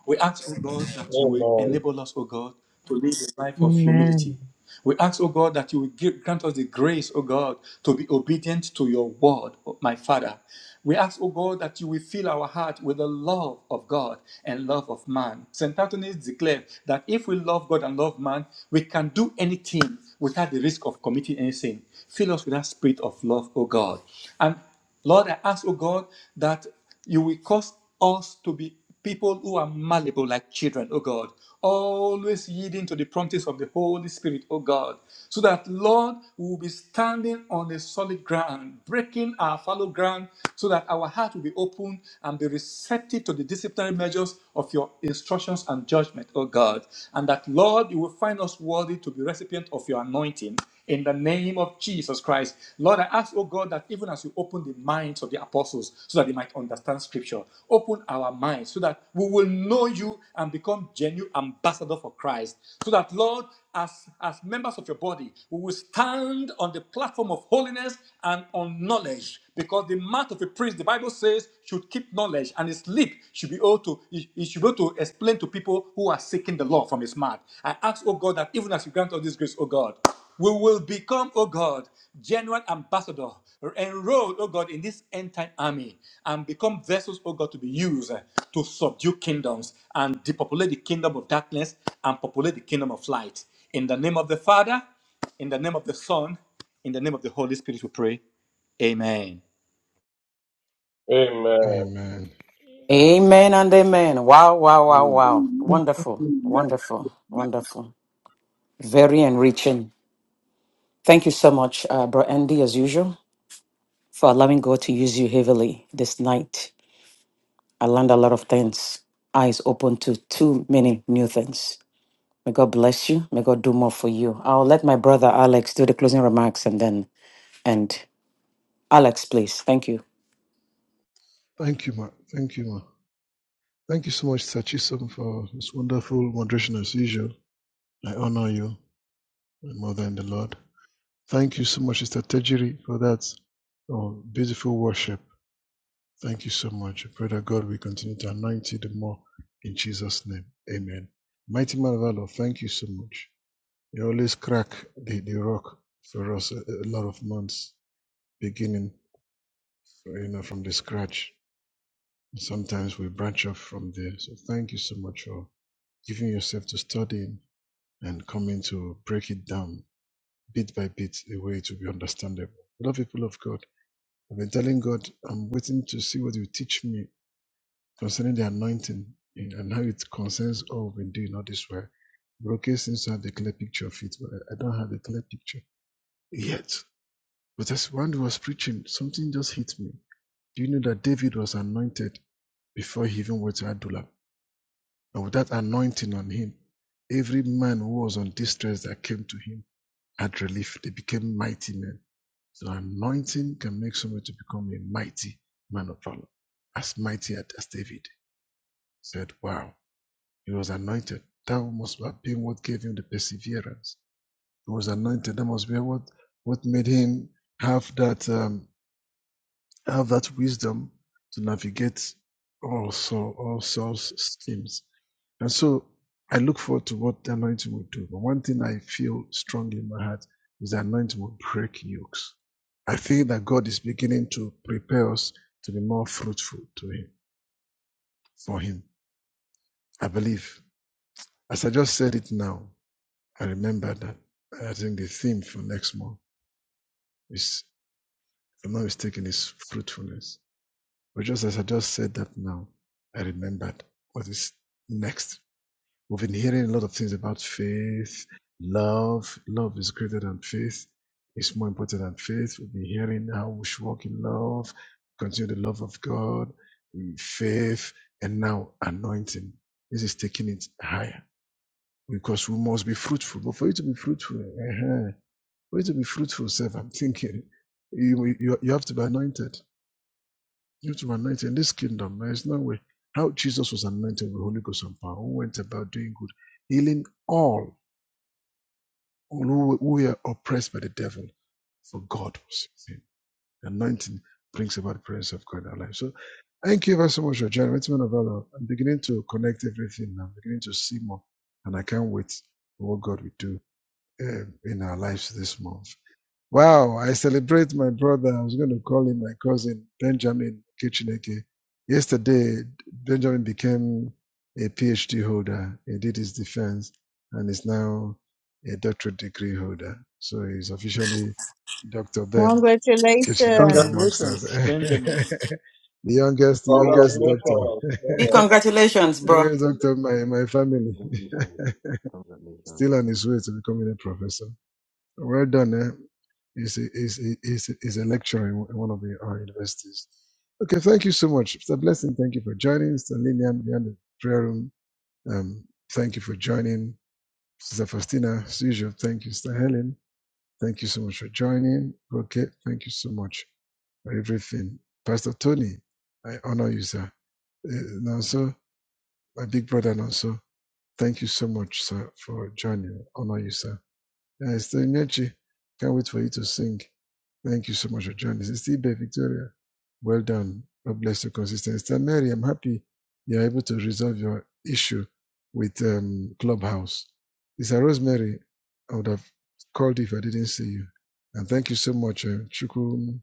[SPEAKER 4] We ask, O God, that you will
[SPEAKER 5] Amen.
[SPEAKER 4] enable us, O God, to live a life of humility.
[SPEAKER 7] Amen.
[SPEAKER 4] We ask, O God, that you will give, grant us the grace, O God, to be obedient to your word, my Father. We ask, O God, that you will fill our heart with the love of God and love of man. St. Anthony declared that if we love God and love man, we can do anything without the risk of committing any sin. Fill us with that spirit of love, O God. And Lord, I ask, oh God, that you will cause us to be people who are malleable like children, oh God, always yielding to the promptings of the Holy Spirit, oh God, so that, Lord, we will be standing on a solid ground, breaking our fallow ground, so that our heart will be open and be receptive to the disciplinary measures of your instructions and judgment, oh God, and that, Lord, you will find us worthy to be recipient of your anointing in the name of Jesus Christ. Lord, I ask, oh God, that even as you open the minds of the apostles so that they might understand scripture, open our minds so that we will know you and become genuine ambassadors for Christ. So that, Lord, as, as members of your body, we will stand on the platform of holiness and on knowledge. Because the mouth of a priest, the Bible says, should keep knowledge, and his lip should be able to he should be able to explain to people who are seeking the law from his mouth. I ask, oh God, that even as you grant all this grace, oh God. We will become, oh God, genuine ambassador, enrolled, oh God, in this end time army, and become vessels, oh God, to be used uh, to subdue kingdoms and depopulate the kingdom of darkness and populate the kingdom of light. In the name of the Father, in the name of the Son, in the name of the Holy Spirit, we pray. Amen.
[SPEAKER 5] Amen.
[SPEAKER 2] Amen.
[SPEAKER 8] Thank
[SPEAKER 1] Amen and amen. Wow, wow, wow,
[SPEAKER 6] Mm.
[SPEAKER 1] wow.
[SPEAKER 9] Amen.
[SPEAKER 1] Wonderful,
[SPEAKER 7] Exactly.
[SPEAKER 9] Amen.
[SPEAKER 1] wonderful, wonderful. Very enriching. Thank you so much, uh, Bro Andy, as usual, for allowing God to use you heavily this night. I learned a lot of things. Eyes open to too many new things. May God bless you. May God do more for you. I'll let my brother Alex do the closing remarks and then end. Alex, please. Thank you.
[SPEAKER 2] Thank you, ma. Thank you, ma. Thank you so much, Sachisam, for this wonderful moderation as usual. I honor you, my mother in the Lord. Thank you so much, Sister Tejiri, for that oh, beautiful worship. Thank you so much. I pray that God will continue to anoint you the more in Jesus' name. Amen. Mighty man of our thank you so much. You always crack the, the rock for us a, a lot of months, beginning you know, from the scratch. Sometimes we branch off from there. So thank you so much for giving yourself to studying and coming to break it down bit by bit the way it will be understandable. A lot of people of God. I've been telling God, I'm waiting to see what you teach me concerning the anointing and how it concerns all we've been doing all this way. Broke seems to have the clear picture of it, but I I don't have the clear picture yet. But as Randy was preaching, something just hit me. Do you know that David was anointed before he even went to Adullam? And with that anointing on him, every man who was on distress that came to him had relief. They became mighty men. So anointing can make somebody to become a mighty man of valor. As mighty as David said, wow, he was anointed. That must have been what gave him the perseverance. He was anointed. That must be what, what made him have that. um, have that wisdom to navigate also all sorts schemes. And so I look forward to what the anointing will do. But one thing I feel strongly in my heart is the anointing will break yokes. I feel that God is beginning to prepare us to be more fruitful to Him for Him. I believe. As I just said it now, I remember that I think the theme for next month is, if I'm not mistaken, is fruitfulness But just as I just said that now, I remembered what is next. We've been hearing a lot of things about faith, love. Love is greater than faith. It's more important than faith. We've been hearing how we should walk in love, continue the love of God, mm, faith, and now anointing. This is taking it higher because we must be fruitful. But for you to be fruitful, uh for you to be fruitful, self, I'm thinking you, you you have to be anointed. You to anoint in this kingdom, there is no way. How Jesus was anointed with the Holy Ghost and power, who went about doing good, healing all who, were oppressed by the devil, for God was with him. Anointing brings about the presence of God in our life. So thank you very so much for joining. Wait a minute, I'm beginning to connect everything. I'm beginning to see more. And I can't wait for what God will do um, in our lives this month. Wow, I celebrate my brother. I was going to call him my cousin, Benjamin Kichineke. Yesterday, Benjamin became a PhD holder. He did his defense and is now a doctorate degree holder. So he's officially Dr. Ben Kichineke
[SPEAKER 7] Congratulations.
[SPEAKER 2] amongst us.
[SPEAKER 4] Congratulations, Benjamin.
[SPEAKER 2] the youngest, the
[SPEAKER 9] Come back
[SPEAKER 2] youngest doctor.
[SPEAKER 5] Congratulations,
[SPEAKER 1] Big
[SPEAKER 5] brother.
[SPEAKER 1] congratulations, bro.
[SPEAKER 2] youngest doctor in my, my family.
[SPEAKER 6] Congratulations. Congratulations.
[SPEAKER 2] Still on his way to becoming a professor. Well done. Eh? He's, a, he's, a, he's, a, he's a lecturer in one of the, our universities. Okay, thank you so much. It's a blessing. Thank you for joining. Sister Lillian, behind the prayer room, um, thank you for joining. Sister Faustina, as usual, thank you. Sister Helen, thank you so much for joining. Okay, thank you so much for everything. Pastor Tony, I honor you, sir. Uh, and also, my big brother, and also, thank you so much, sir, for joining. Honor you, sir. Uh, Sister Nyechi, can't wait for you to sing. Thank you so much for joining. Sister Ibe Victoria, well done. God bless your consistency. Sister Mary, I'm happy you're able to resolve your issue with um, Clubhouse. Sister Rosemary, I would have called if I didn't see you. And thank you so much, uh, Chukwu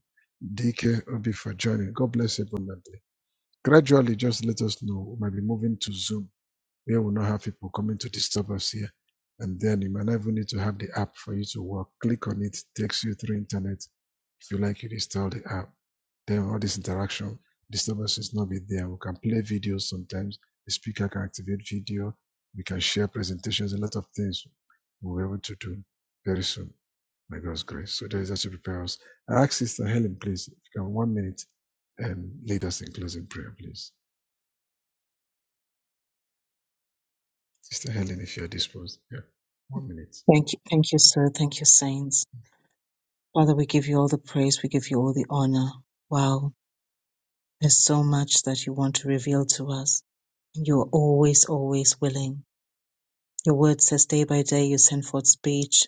[SPEAKER 2] DK Obi, for joining. God bless you abundantly. Gradually, just let us know. We might be moving to Zoom. We will not have people coming to disturb us here. And then you might not even need to have the app for you to work. Click on it, takes you through internet. If you like, you install the app. Then all this interaction, disturbances not be there. We can play videos sometimes. The speaker can activate video. We can share presentations, a lot of things we'll be able to do very soon by God's grace. So there is that to prepare us. I ask Sister Helen, please, if you can one minute and lead us in closing prayer, please. Sister Helen, if you are disposed. Yeah. One minute.
[SPEAKER 7] Thank you. Thank you, sir. Thank you, saints. Father, we give you all the praise. We give you all the honor. Wow. There's so much that you want to reveal to us. And you're always, always willing. Your word says day by day you send forth speech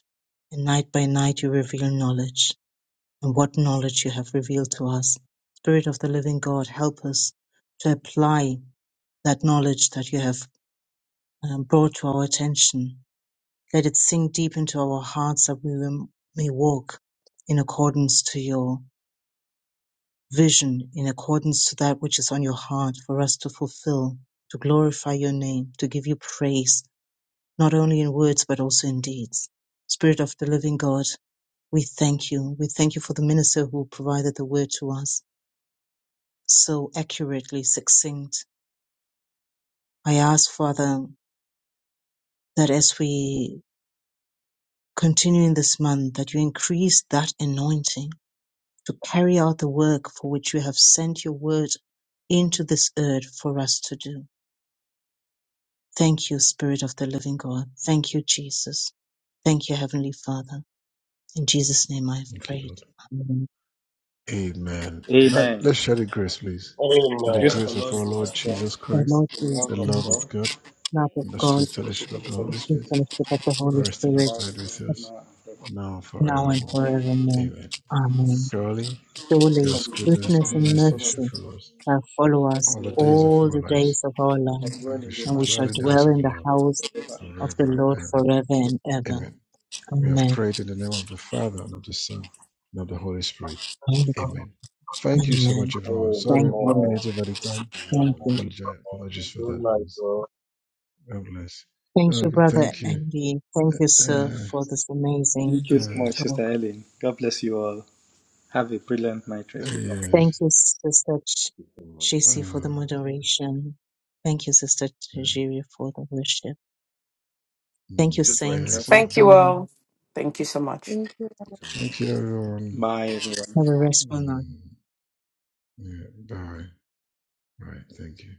[SPEAKER 7] and night by night you reveal knowledge. And what knowledge you have revealed to us. Spirit of the living God, help us to apply that knowledge that you have um, brought to our attention Let it sink deep into our hearts that we may walk in accordance to your vision, in accordance to that which is on your heart for us to fulfill, to glorify your name, to give you praise, not only in words, but also in deeds. Spirit of the living God, we thank you. We thank you for the minister who provided the word to us so accurately, succinct. I ask, Father, that as we continue in this month, that you increase that anointing to carry out the work for which you have sent your word into this earth for us to do. Thank you, Spirit of the living God. Thank you, Jesus. Thank you, Heavenly Father. In Jesus' name I have
[SPEAKER 2] Thank you,
[SPEAKER 7] prayed.
[SPEAKER 2] Lord.
[SPEAKER 7] Amen.
[SPEAKER 2] Amen. Let, let's
[SPEAKER 4] Amen.
[SPEAKER 2] share the grace, please. May
[SPEAKER 4] The
[SPEAKER 2] the
[SPEAKER 4] grace
[SPEAKER 5] Amen.
[SPEAKER 4] of our
[SPEAKER 2] grace of
[SPEAKER 4] Lord
[SPEAKER 2] our
[SPEAKER 4] Jesus
[SPEAKER 2] Lord Jesus
[SPEAKER 4] Christ,
[SPEAKER 7] The
[SPEAKER 2] Christ,
[SPEAKER 7] Lord
[SPEAKER 4] the
[SPEAKER 7] be with
[SPEAKER 4] love
[SPEAKER 2] the
[SPEAKER 4] of
[SPEAKER 2] love
[SPEAKER 7] Christ,
[SPEAKER 2] of
[SPEAKER 4] God,
[SPEAKER 2] God,
[SPEAKER 7] love of
[SPEAKER 2] and the
[SPEAKER 4] the
[SPEAKER 7] God,
[SPEAKER 4] sweet
[SPEAKER 2] sweet fellowship
[SPEAKER 4] fellowship of
[SPEAKER 2] of
[SPEAKER 4] the
[SPEAKER 2] the
[SPEAKER 4] Holy
[SPEAKER 7] the
[SPEAKER 2] Holy
[SPEAKER 7] free
[SPEAKER 2] Spirit
[SPEAKER 4] Spirit,
[SPEAKER 7] fellowship of the Holy
[SPEAKER 2] rest and
[SPEAKER 4] abide with
[SPEAKER 7] Spirit,
[SPEAKER 2] abide with
[SPEAKER 4] us
[SPEAKER 2] us
[SPEAKER 4] now and forever.
[SPEAKER 2] now and
[SPEAKER 7] now and
[SPEAKER 2] forevermore.
[SPEAKER 4] dwell
[SPEAKER 7] forevermore.
[SPEAKER 2] Amen.
[SPEAKER 7] Amen.
[SPEAKER 2] Surely
[SPEAKER 7] Surely
[SPEAKER 2] God's
[SPEAKER 4] in
[SPEAKER 2] goodness
[SPEAKER 7] goodness
[SPEAKER 2] and
[SPEAKER 7] and
[SPEAKER 2] mercy shall
[SPEAKER 7] mercy
[SPEAKER 2] follow us
[SPEAKER 7] shall follow us
[SPEAKER 2] all the days of
[SPEAKER 7] all
[SPEAKER 2] our
[SPEAKER 7] the
[SPEAKER 2] lives,
[SPEAKER 7] days of our life,
[SPEAKER 2] and we
[SPEAKER 4] the
[SPEAKER 2] shall
[SPEAKER 7] and we
[SPEAKER 4] heart
[SPEAKER 2] dwell
[SPEAKER 7] shall
[SPEAKER 2] in the house
[SPEAKER 7] dwell
[SPEAKER 2] of
[SPEAKER 7] in
[SPEAKER 2] the
[SPEAKER 7] the
[SPEAKER 2] Lord
[SPEAKER 7] house
[SPEAKER 4] forever and
[SPEAKER 7] of the
[SPEAKER 4] ever.
[SPEAKER 2] forever
[SPEAKER 7] Lord
[SPEAKER 2] and ever.
[SPEAKER 8] you.
[SPEAKER 7] forever and ever.
[SPEAKER 2] Amen. We have
[SPEAKER 7] Amen.
[SPEAKER 2] prayed in the name of the Father and of the Son and of the Holy Spirit.
[SPEAKER 7] Amen.
[SPEAKER 2] Amen. Thank you so
[SPEAKER 7] Amen.
[SPEAKER 2] much, everyone. Sorry,
[SPEAKER 7] Thank
[SPEAKER 2] one
[SPEAKER 7] you.
[SPEAKER 5] Amen.
[SPEAKER 2] minute over the time.
[SPEAKER 7] Thank
[SPEAKER 6] Mm.
[SPEAKER 7] you.
[SPEAKER 2] Apologize, apologies for
[SPEAKER 5] Good
[SPEAKER 2] that,
[SPEAKER 5] night,
[SPEAKER 2] please.
[SPEAKER 5] bro.
[SPEAKER 2] God bless.
[SPEAKER 7] Thank you,
[SPEAKER 2] Okay,
[SPEAKER 7] Brother
[SPEAKER 2] thank you.
[SPEAKER 7] Andy. Thank you, sir,
[SPEAKER 2] Uh,
[SPEAKER 7] for this
[SPEAKER 4] Thank
[SPEAKER 7] amazing
[SPEAKER 4] you so
[SPEAKER 2] uh,
[SPEAKER 4] much, Sister
[SPEAKER 7] talk.
[SPEAKER 4] Ellen. God bless you all. Have a brilliant night.
[SPEAKER 2] uh,
[SPEAKER 4] rest. night.
[SPEAKER 2] yes.
[SPEAKER 7] Thank you, Sister Ch-
[SPEAKER 6] It's too much.
[SPEAKER 7] Chisi, for the
[SPEAKER 2] Uh,
[SPEAKER 7] moderation. Thank you, Sister
[SPEAKER 2] yeah.
[SPEAKER 7] Tajiri, for the worship. Thank you,
[SPEAKER 2] Mm,
[SPEAKER 7] Saints,
[SPEAKER 2] yes.
[SPEAKER 1] Thank
[SPEAKER 7] for
[SPEAKER 2] Uh,
[SPEAKER 7] joining.
[SPEAKER 1] thank you so much.
[SPEAKER 3] Thank you.
[SPEAKER 6] It's too much.
[SPEAKER 2] thank you,
[SPEAKER 6] Good night.
[SPEAKER 2] everyone.
[SPEAKER 4] Bye, everyone.
[SPEAKER 7] Have a restful night.
[SPEAKER 2] Mm, yeah, bye. Bye. Thank you.